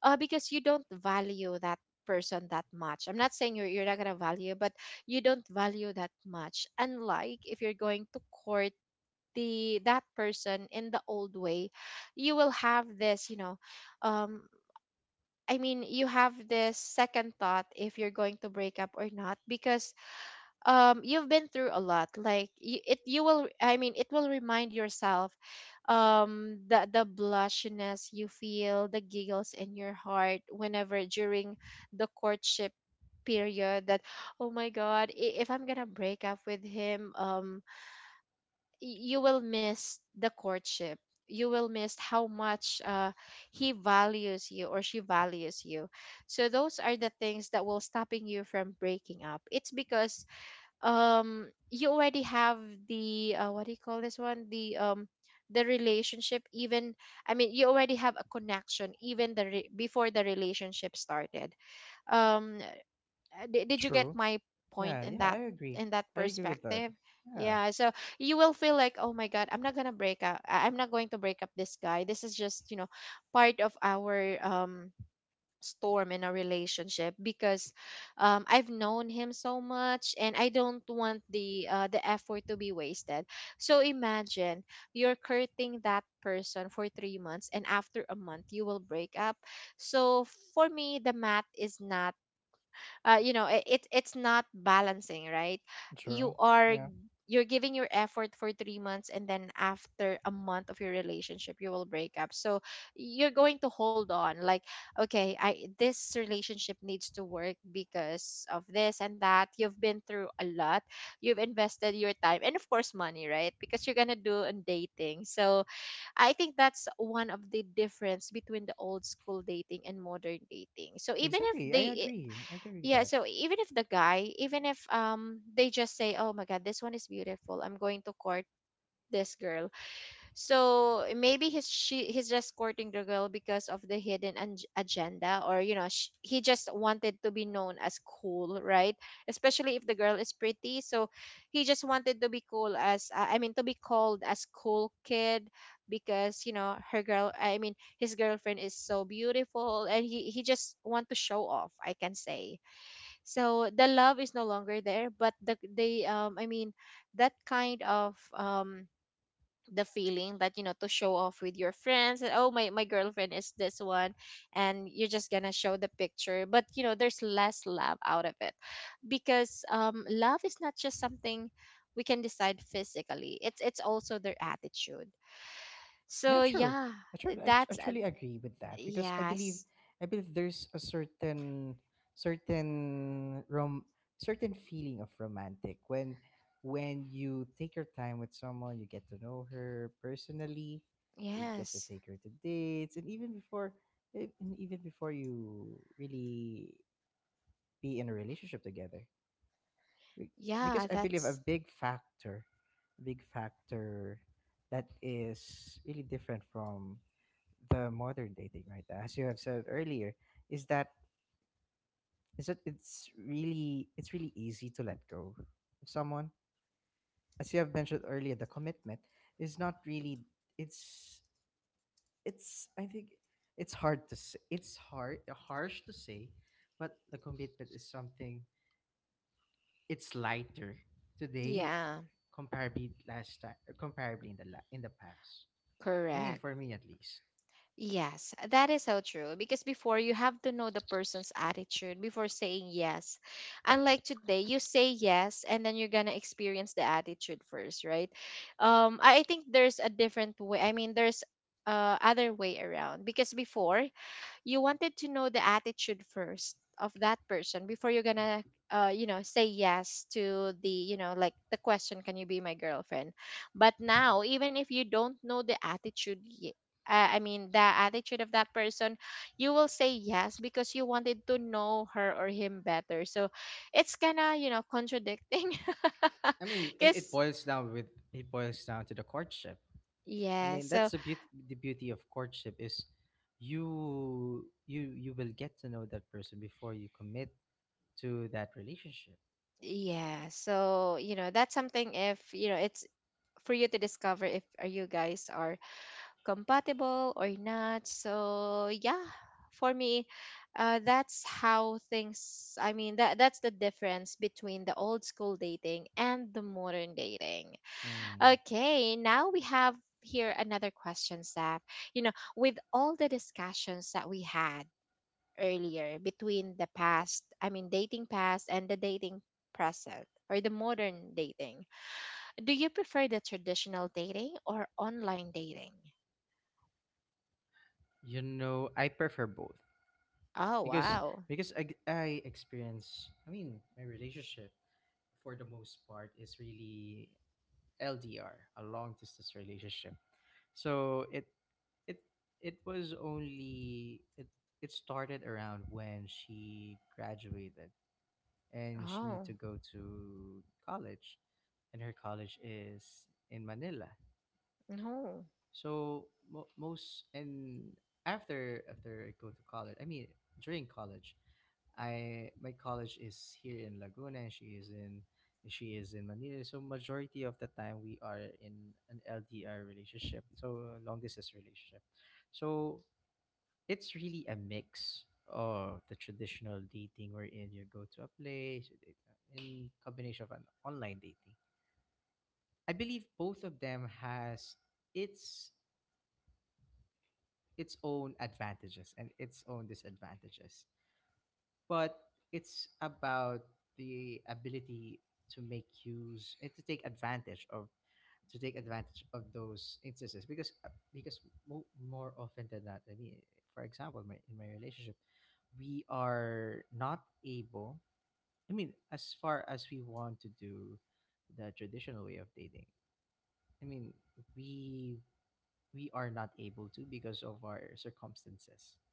[SPEAKER 1] Because you don't value that person that much. I'm not saying you're not gonna value, but you don't value that much, unlike if you're going to court the that person in the old way. You will have this, you know, um I mean, you have this second thought if you're going to break up or not, because you've been through a lot, like it, you will, I mean, it will remind yourself, the blushiness you feel, the giggles in your heart, whenever during the courtship period, that, oh my god, if I'm gonna break up with him, you will miss the courtship. You will miss how much he values you or she values you. So those are the things that will stopping you from breaking up. It's because you already have the what do you call this one, the relationship, even, I mean, you already have a connection, even before the relationship started. um did you get
[SPEAKER 2] True.
[SPEAKER 1] my
[SPEAKER 2] Yeah,
[SPEAKER 1] point in
[SPEAKER 2] yeah, I
[SPEAKER 1] that,
[SPEAKER 2] agree.
[SPEAKER 1] in that
[SPEAKER 2] I agree with that.
[SPEAKER 1] perspective?
[SPEAKER 2] Yeah,
[SPEAKER 1] Yeah, so you will feel like, oh my god, I'm not gonna break up. I'm not going to break up this guy. This is just, you know, part of our, storm in a relationship, because I've known him so much, and I don't want the effort to be wasted. So imagine you're courting that person for 3 months, and after a month you will break up. So for me, the math is not, you know, it, it's not balancing, right?
[SPEAKER 2] true.
[SPEAKER 1] you are
[SPEAKER 2] Yeah,
[SPEAKER 1] you're giving your effort for 3 months, and then after a month of your relationship you will break up. So you're going to hold on, like, okay, I this relationship needs to work because of this and that, you've been through a lot, you've invested your time and of course money, right? Because you're gonna do on dating. So I think that's one of the difference between the old school dating and modern dating. So even if
[SPEAKER 2] exactly. I
[SPEAKER 1] they,
[SPEAKER 2] agree. I agree with
[SPEAKER 1] yeah,
[SPEAKER 2] that.
[SPEAKER 1] so even if the guy, even if they just say, oh my god, this one is beautiful, I'm going to court this girl. So maybe he's just courting the girl because of the hidden agenda, or you know, he just wanted to be known as cool, right? Especially if the girl is pretty. So he just wanted to be cool as, I mean, to be called as cool kid, because you know her girl I mean his girlfriend is so beautiful, and he just want to show off, I can say. So the love is no longer there, but they, I mean, that kind of, the feeling that, you know, to show off with your friends that, oh my, my girlfriend is this one, and you're just gonna show the picture, but you know there's less love out of it, because love is not just something we can decide physically, it's also their attitude.
[SPEAKER 2] Yeah,
[SPEAKER 1] So
[SPEAKER 2] true.
[SPEAKER 1] yeah.
[SPEAKER 2] I true. I
[SPEAKER 1] That's
[SPEAKER 2] truly agree with that because I believe
[SPEAKER 1] yes.
[SPEAKER 2] I believe there's a certain certain rom certain feeling of romantic when you take your time with someone, you get to know her personally, you get to
[SPEAKER 1] Yes.
[SPEAKER 2] take her to dates, and and even before you really be in a relationship together. Be- because
[SPEAKER 1] Yeah,
[SPEAKER 2] I believe a
[SPEAKER 1] that's
[SPEAKER 2] big factor that is really different from the modern dating right now, as you have said earlier, is that is that it's really easy to let go of someone. As you have mentioned earlier, the commitment is not really, it's, I think it's hard to say it's hard harsh to say, but the commitment is something, it's lighter today,
[SPEAKER 1] yeah,
[SPEAKER 2] comparably last time, comparably in the in the past. I mean,
[SPEAKER 1] correct.
[SPEAKER 2] for me at least.
[SPEAKER 1] Yes, that is so true. Because before you have to know the person's attitude before saying yes. Unlike today, you say yes and then you're gonna experience the attitude first, right? Um, I think there's a different way. I mean, there's other way around, because before, you wanted to know the attitude first of that person before you're gonna, you know, say yes to the, you know, like the question, can you be my girlfriend? But now, even if you don't know I mean the attitude of that person, you will say yes because you wanted to know her or him better. So it's kind of, you know, contradicting.
[SPEAKER 2] I mean, it
[SPEAKER 1] Because,
[SPEAKER 2] boils down with, it boils down to the courtship. I
[SPEAKER 1] yeah,
[SPEAKER 2] mean, that's
[SPEAKER 1] so
[SPEAKER 2] the beauty of courtship is you will get to know that person before you commit to that relationship.
[SPEAKER 1] yeah, so, you know, that's something, if you know, it's for you to discover if are you guys are compatible or not. So yeah, for me, that's how things. I mean, that that's the difference between the old school dating and the modern dating.
[SPEAKER 2] Mm.
[SPEAKER 1] Okay, now we have here another question, Saf. You know, with all the discussions that we had earlier between the past, I mean, dating past and the dating present, or the modern dating. Do you prefer the traditional dating or online dating?
[SPEAKER 2] You know, I prefer both
[SPEAKER 1] Oh,
[SPEAKER 2] because
[SPEAKER 1] wow.
[SPEAKER 2] because I experience, I mean, my relationship for the most part is really LDR, a long distance relationship. So it it was only, it started around when she graduated and she need
[SPEAKER 1] Oh,
[SPEAKER 2] to go to college, and her college is in Manila.
[SPEAKER 1] no.
[SPEAKER 2] So most and after I go to college, I mean during college, I, my college is here in Laguna and she is in, she is in Manila. So majority of the time we are in an LDR relationship. So a long distance relationship. So it's really a mix of the traditional dating wherein you go to a place, you date, in combination of an online dating. I believe both of them has its its own advantages and its own disadvantages. But it's about the ability to make use and to take advantage of, to take advantage of those instances, because more often than not, I mean, for example, my, in my relationship, we are not able, I mean, as far as we want to do the traditional way of dating, I mean, we we are not able to because of our circumstances.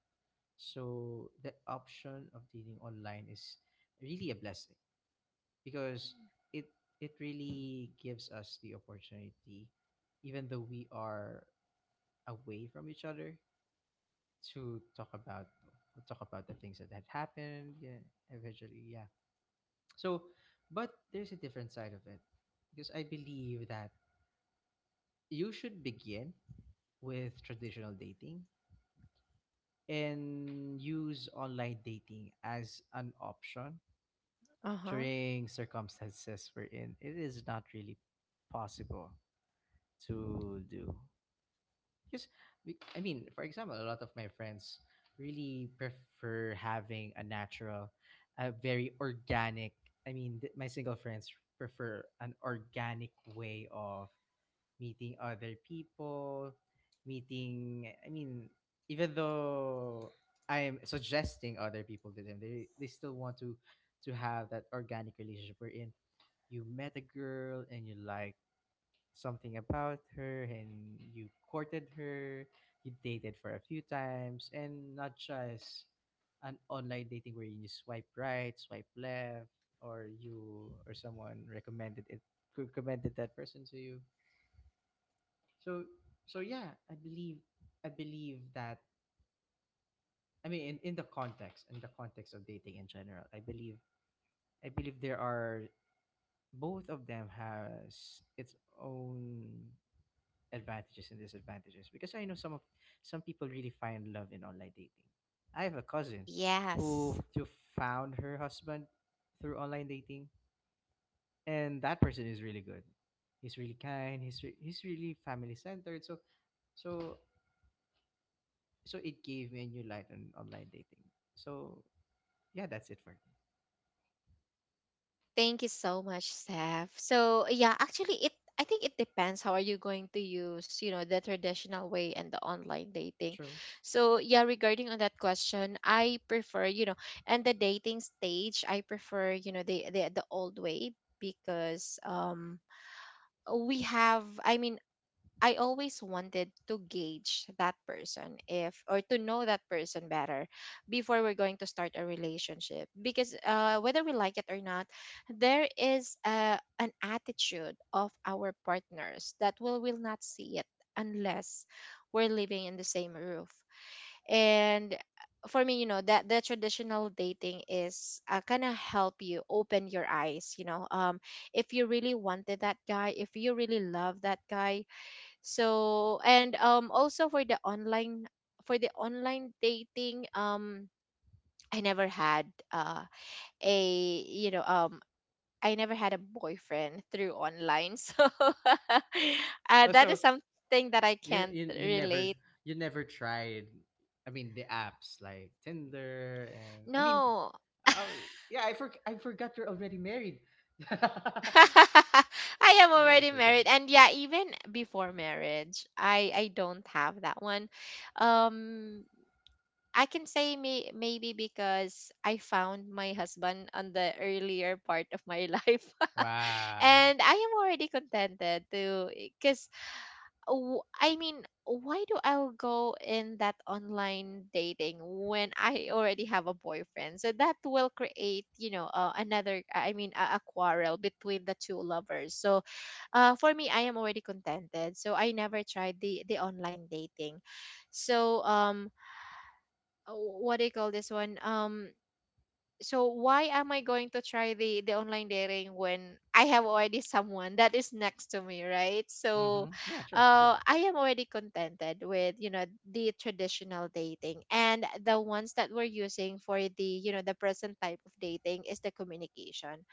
[SPEAKER 2] So the option of dating online is really a blessing, because it it really gives us the opportunity, even though we are away from each other, to talk about, talk about the things that had happened. Yeah, eventually, yeah. So, but there's a different side of it, because I believe that you should begin with traditional dating and use online dating as an option
[SPEAKER 1] Uh huh.
[SPEAKER 2] during circumstances we're in, it is not really possible to do. Because, we, I mean, for example, a lot of my friends really prefer having a natural, a very organic, I mean, my single friends prefer an organic way of meeting other people, meeting, I mean, even though I'm suggesting other people to them, they still want to have that organic relationship wherein you met a girl and you liked something about her and you courted her, you dated for a few times, and not just an online dating where you swipe right, swipe left, or you or someone recommended that person to you. So so yeah, I believe that, I mean, in the context, in the context of dating in general, I believe there are, both of them has its own advantages and disadvantages, because I know some of, some people really find love in online dating. I have a cousin
[SPEAKER 1] Yes.
[SPEAKER 2] who found her husband through online dating, and that person is really good. He's really kind, he's really family centered. So so so it gave me a new light on online dating. So yeah, that's it for me.
[SPEAKER 1] Thank you so much, Steph. So yeah, actually, it I think it depends how are you going to use, you know, the traditional way and the online dating.
[SPEAKER 2] True.
[SPEAKER 1] So yeah, regarding on that question, I prefer, you know, and the dating stage, I prefer, you know, the old way, because we have, I mean, I always wanted to gauge that person if, or to know that person better, before we're going to start a relationship, because whether we like it or not, there is an attitude of our partners that we will not see it unless we're living in the same roof. And for me, you know, that the traditional dating is, kind of help you open your eyes, you know, if you really wanted that guy, if you really love that guy. So, and also for the online dating, I never had, uh a you know I never had a boyfriend through online. So
[SPEAKER 2] Oh,
[SPEAKER 1] that is
[SPEAKER 2] so
[SPEAKER 1] something that I can't
[SPEAKER 2] you never,
[SPEAKER 1] relate.
[SPEAKER 2] you never tried. I mean the apps like Tinder and I mean,
[SPEAKER 1] No.
[SPEAKER 2] oh yeah, I forgot you're already married. I
[SPEAKER 1] I am already
[SPEAKER 2] always forget.
[SPEAKER 1] married, and yeah, even before marriage, I don't have that one. um I can say, maybe because I found my husband on the earlier part of my life.
[SPEAKER 2] Wow.
[SPEAKER 1] And I am already contented, to, because, I mean, why do I go in that online dating when I already have a boyfriend? So that will create, you know, another, I mean, a quarrel between the two lovers. So for me, I am already contented. So I never tried the online dating. So what do you call this one? So why am I going to try the online dating when I have already someone that is next to me, right? So,
[SPEAKER 2] Mm-hmm. Yeah. Sure. Sure.
[SPEAKER 1] I am already contented with, you know, the traditional dating. And the ones that we're using for the, you know, the present type of dating is the communication.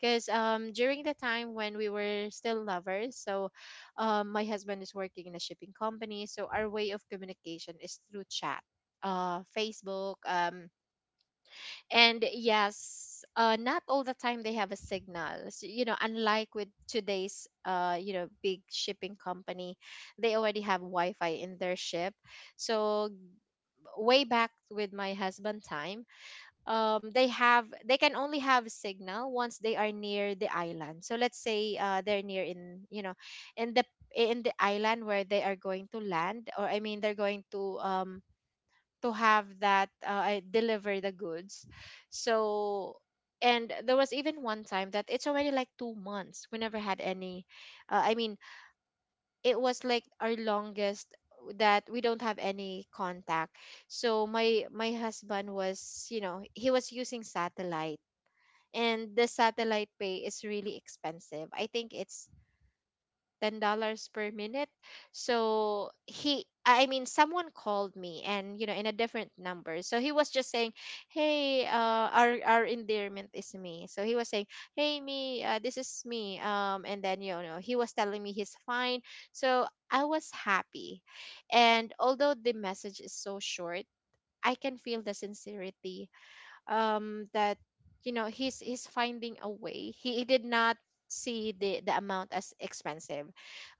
[SPEAKER 1] Because during the time when we were still lovers, so my husband is working in a shipping company. So our way of communication is through chat, Facebook. And yes, not all the time they have a signal. So, you know, unlike with today's, you know, big shipping company, they already have Wi Fi in their ship. So way back with my husband time, they can only have signal once they are near the island. So let's say they're near in, in the, in the island where they are going to land, or I mean they're going to have that, I deliver the goods. So and there was even one time that it's already like 2 months we never had any uh, i mean it was like our longest that we don't have any contact. So my husband was, you know, he was using satellite, and the satellite pay is really expensive. I think it's $10 per minute. So he, I mean someone called me, and you know, in a different number. So he was just saying, hey, our endearment is me. So he was saying, hey me, this is me. And then you know he was telling me he's fine. So I was happy. And although the message is so short, I can feel the sincerity that you know he's finding a way. He did not see the amount as expensive,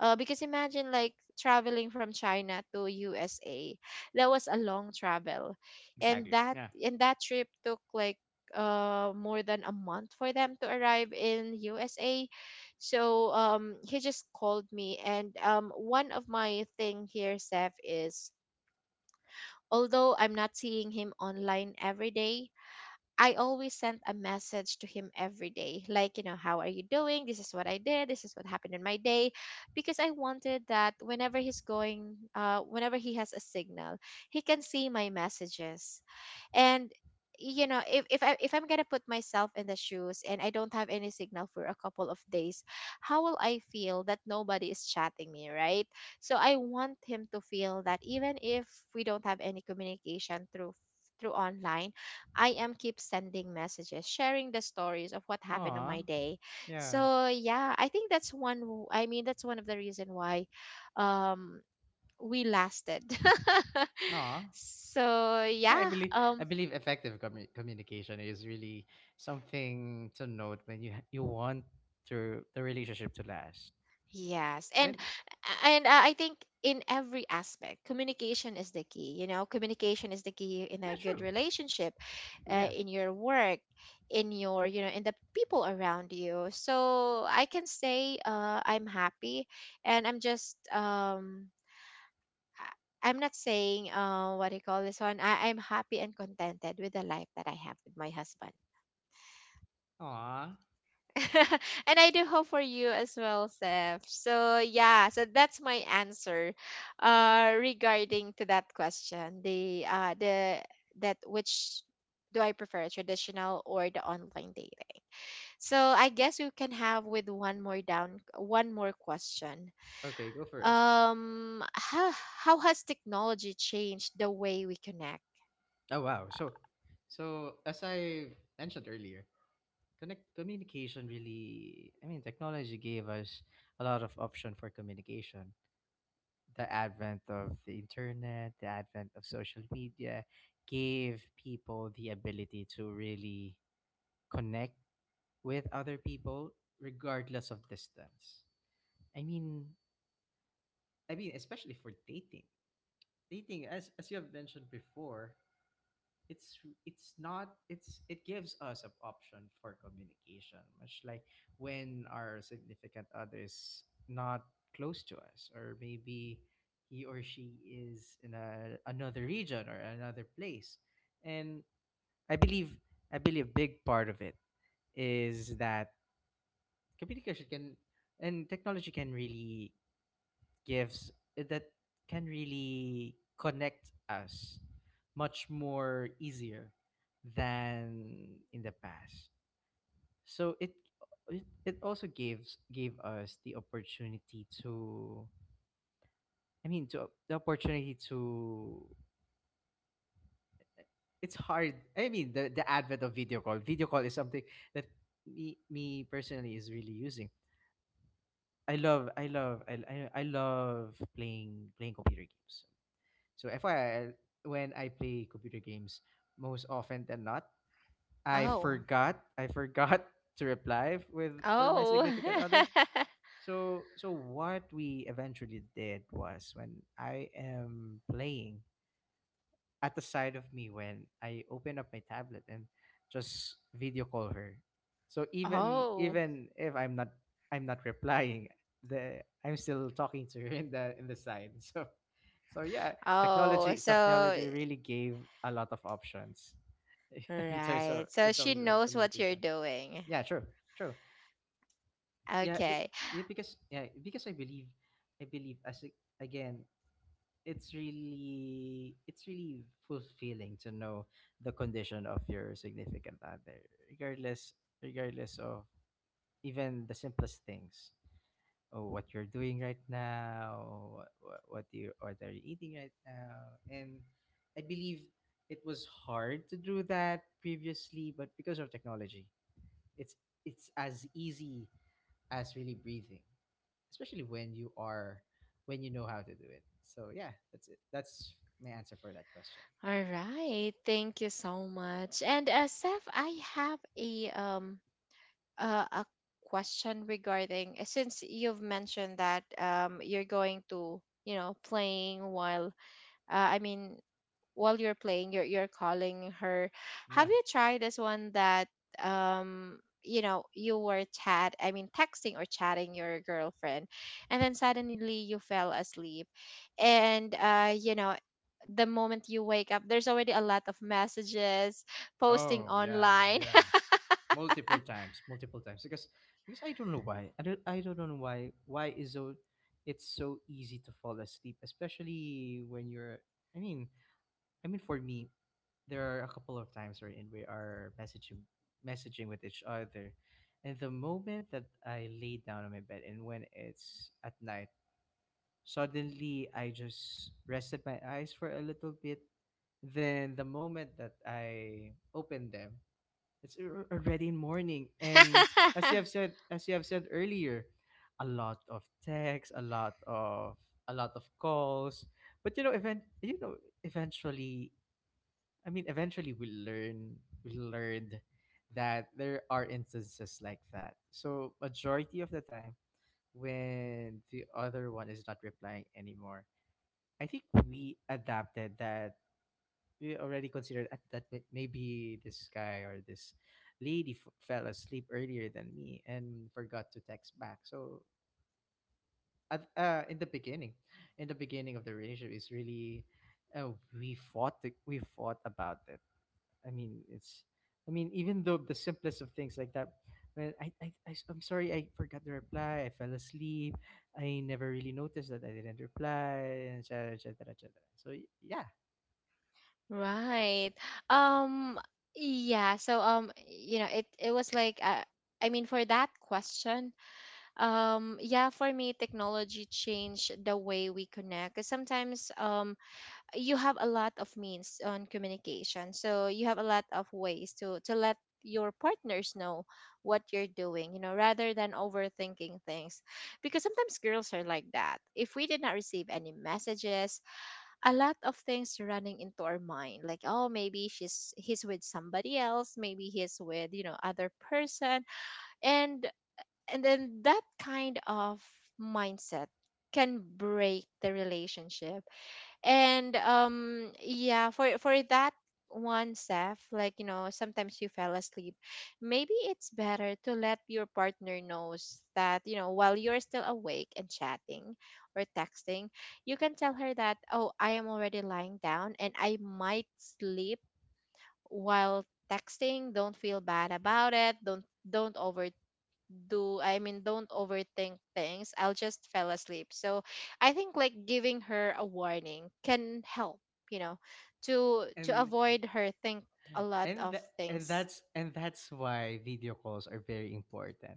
[SPEAKER 1] because imagine like traveling from China to USA. That was a long travel. and
[SPEAKER 2] Exactly.
[SPEAKER 1] that
[SPEAKER 2] Yeah.
[SPEAKER 1] and that trip took like more than a month for them to arrive in USA. So he just called me, and one of my thing here, Seth, is although I'm not seeing him online every day, I always sent a message to him every day, like, you know, how are you doing? This is what I did. This is what happened in my day. Because I wanted that whenever he's going, whenever he has a signal, he can see my messages. And you know, if I if I'm gonna put myself in the shoes and I don't have any signal for a couple of days, how will I feel that nobody is chatting me, right? So I want him to feel that even if we don't have any communication through, through online, I am keep sending messages, sharing the stories of what happened on my
[SPEAKER 2] Aw.
[SPEAKER 1] day.
[SPEAKER 2] Yeah.
[SPEAKER 1] So yeah, I think that's one w- I mean that's one of the reason why um we lasted.
[SPEAKER 2] Aw.
[SPEAKER 1] So
[SPEAKER 2] Yeah, I
[SPEAKER 1] yeah.
[SPEAKER 2] believe I believe effective communication is really something to note when you want to the relationship to last.
[SPEAKER 1] Yes,
[SPEAKER 2] And
[SPEAKER 1] and I think in every aspect, communication is the key. You know, communication is the key in a
[SPEAKER 2] yeah,
[SPEAKER 1] good
[SPEAKER 2] true,
[SPEAKER 1] relationship,
[SPEAKER 2] true. Yeah.
[SPEAKER 1] in your work, in your, you know, in the people around you. So I can say I'm happy, and I'm just I- I'm not saying what do you call this one. I'm happy and contented with the life that I have with my husband.
[SPEAKER 2] Aw.
[SPEAKER 1] And I do hope for you as well, Seth. So yeah, so that's my answer regarding to that question. The That which do I prefer, traditional or the online dating? So I guess we can have with one more question.
[SPEAKER 2] Okay, go for it.
[SPEAKER 1] Um how how has technology changed the way we connect?
[SPEAKER 2] Oh wow. So, so as I mentioned earlier, connect communication really. I mean, technology gave us a lot of option for communication. The advent of the internet, the advent of social media, gave people the ability to really connect with other people regardless of distance. I mean, I mean especially for dating. Dating, as you have mentioned before, it's it's not, it's, it gives us an option for communication, much like when our significant other is not close to us, or maybe he or she is in a, another region or another place. And I believe, I believe a big part of it is that communication can, and technology can really gives that, can really connect us much more easier than in the past. So it also gives, gave us the opportunity to, I mean, to the opportunity to, it's hard, I mean, the advent of video call, video call is something that me personally is really using. I love I love I love playing playing computer games. So FYI, when I play computer games, most often than not, I
[SPEAKER 1] Oh.
[SPEAKER 2] forgot I forgot to reply f- with for my
[SPEAKER 1] Oh.
[SPEAKER 2] significant other. So so what we eventually did was when I am playing, at the side of me, when I open up my tablet and just video call her. So even
[SPEAKER 1] Oh.
[SPEAKER 2] even if I'm not, I'm not replying, the I'm still talking to her in the side. So so yeah,
[SPEAKER 1] Oh,
[SPEAKER 2] technology
[SPEAKER 1] so
[SPEAKER 2] technology really gave a lot of options
[SPEAKER 1] right. So
[SPEAKER 2] in
[SPEAKER 1] she
[SPEAKER 2] terms of
[SPEAKER 1] knows what you're
[SPEAKER 2] communication.
[SPEAKER 1] doing.
[SPEAKER 2] Yeah, true, true. Yeah,
[SPEAKER 1] Okay.
[SPEAKER 2] yeah, because I believe as again, it's really fulfilling to know the condition of your significant other, regardless, regardless of even the simplest things, or what you're doing right now, what you or they're eating right now. And I believe it was hard to do that previously, but because of technology, it's it's as easy as really breathing, especially when you are, when you know how to do it. So yeah, that's it. That's my answer for that question.
[SPEAKER 1] All right. Thank you so much. And Seth, I have a uh, a question regarding since you've mentioned that you're going to, you know, playing while, uh, I mean while you're playing, you're calling her. Have
[SPEAKER 2] Yeah.
[SPEAKER 1] you tried this one that you know you were chat I mean texting or chatting your girlfriend, and then suddenly you fell asleep, and you know, the moment you wake up, there's already a lot of messages posting
[SPEAKER 2] Oh yeah,
[SPEAKER 1] online.
[SPEAKER 2] yeah. Multiple times, multiple times, because I don't know why. I don't know why is so, it's so easy to fall asleep, especially when you're. I mean, I mean for me, there are a couple of times wherein we are messaging, messaging with each other, and the moment that I lay down on my bed and when it's at night, suddenly, I just rested my eyes for a little bit. Then, the moment that I opened them, it's already morning. And as you have said, as you have said earlier, a lot of texts, a lot of, a lot of calls. But you know, eventually, I mean, eventually, we learn, we learned that there are instances like that. So, majority of the time, when the other one is not replying anymore, I think we adapted that we already considered at that maybe this guy or this lady fell asleep earlier than me and forgot to text back. So at, uh, in the beginning, in the beginning of the relationship, is really, we fought the, we fought about it. I mean, it's, I mean even though the simplest of things like that. Well, I am sorry I forgot to reply. I fell asleep. I never really noticed that I didn't reply, et et cetera, et cetera, et cetera. So yeah,
[SPEAKER 1] Right. Um yeah, so you know, it was like for that question. Yeah, for me, technology changed the way we connect. 'Cause sometimes you have a lot of means on communication, so you have a lot of ways to let your partners know what you're doing, you know, rather than overthinking things. Because sometimes girls are like that. If we did not receive any messages, a lot of things running into our mind, like, oh, maybe she's he's with somebody else, maybe he's with, you know, other person. And and then that kind of mindset can break the relationship. And yeah, for that one, Seth, like you know, sometimes you fell asleep. Maybe it's better to let your partner knows that, you know, while you're still awake and chatting or texting, you can tell her that, oh, I am already lying down and I might sleep while texting. Don't feel bad about it. Don't overdo do I mean don't overthink things. I'll just fell asleep. So I think like giving her a warning can help, you know, to
[SPEAKER 2] and
[SPEAKER 1] avoid her think a lot of
[SPEAKER 2] and
[SPEAKER 1] things.
[SPEAKER 2] that's, and that's why video calls are very important.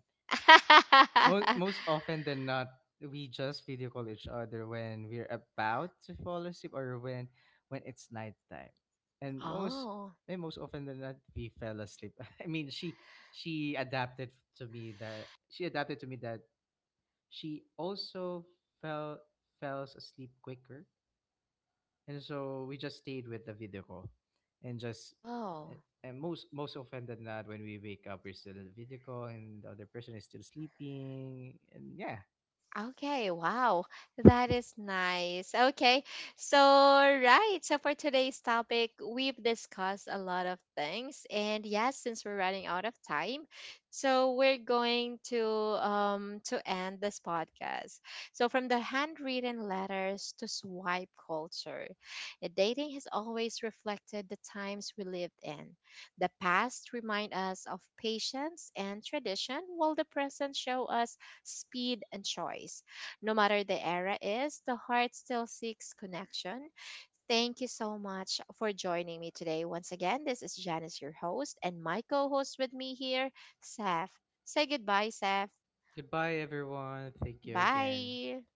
[SPEAKER 2] Most most often than not, we just video call each other when we're about to fall asleep or when it's nighttime. And most
[SPEAKER 1] Oh.
[SPEAKER 2] and most often than not, we fell asleep. I mean, she adapted to me that she adapted to me that she also fell, falls asleep quicker, and so we just stayed with the video call and just
[SPEAKER 1] Oh.
[SPEAKER 2] and most most often than not, when we wake up we're still in the video call and the other person is still sleeping, and yeah,
[SPEAKER 1] Okay, wow. That is nice. Okay. So, right. So, for today's topic, we've discussed a lot of things. And yes, since we're running out of time, so we're going to end this podcast. So, from the handwritten letters to swipe culture, dating has always reflected the times we lived in. The past remind us of patience and tradition, while the present show us speed, and choice. No matter the era is, the heart still seeks connection. Thank you so much for joining me today. Once again, this is Janice, your host, and my co host with me here, Seth. Say goodbye, Seth.
[SPEAKER 2] goodbye everyone, thank you again.
[SPEAKER 1] Bye.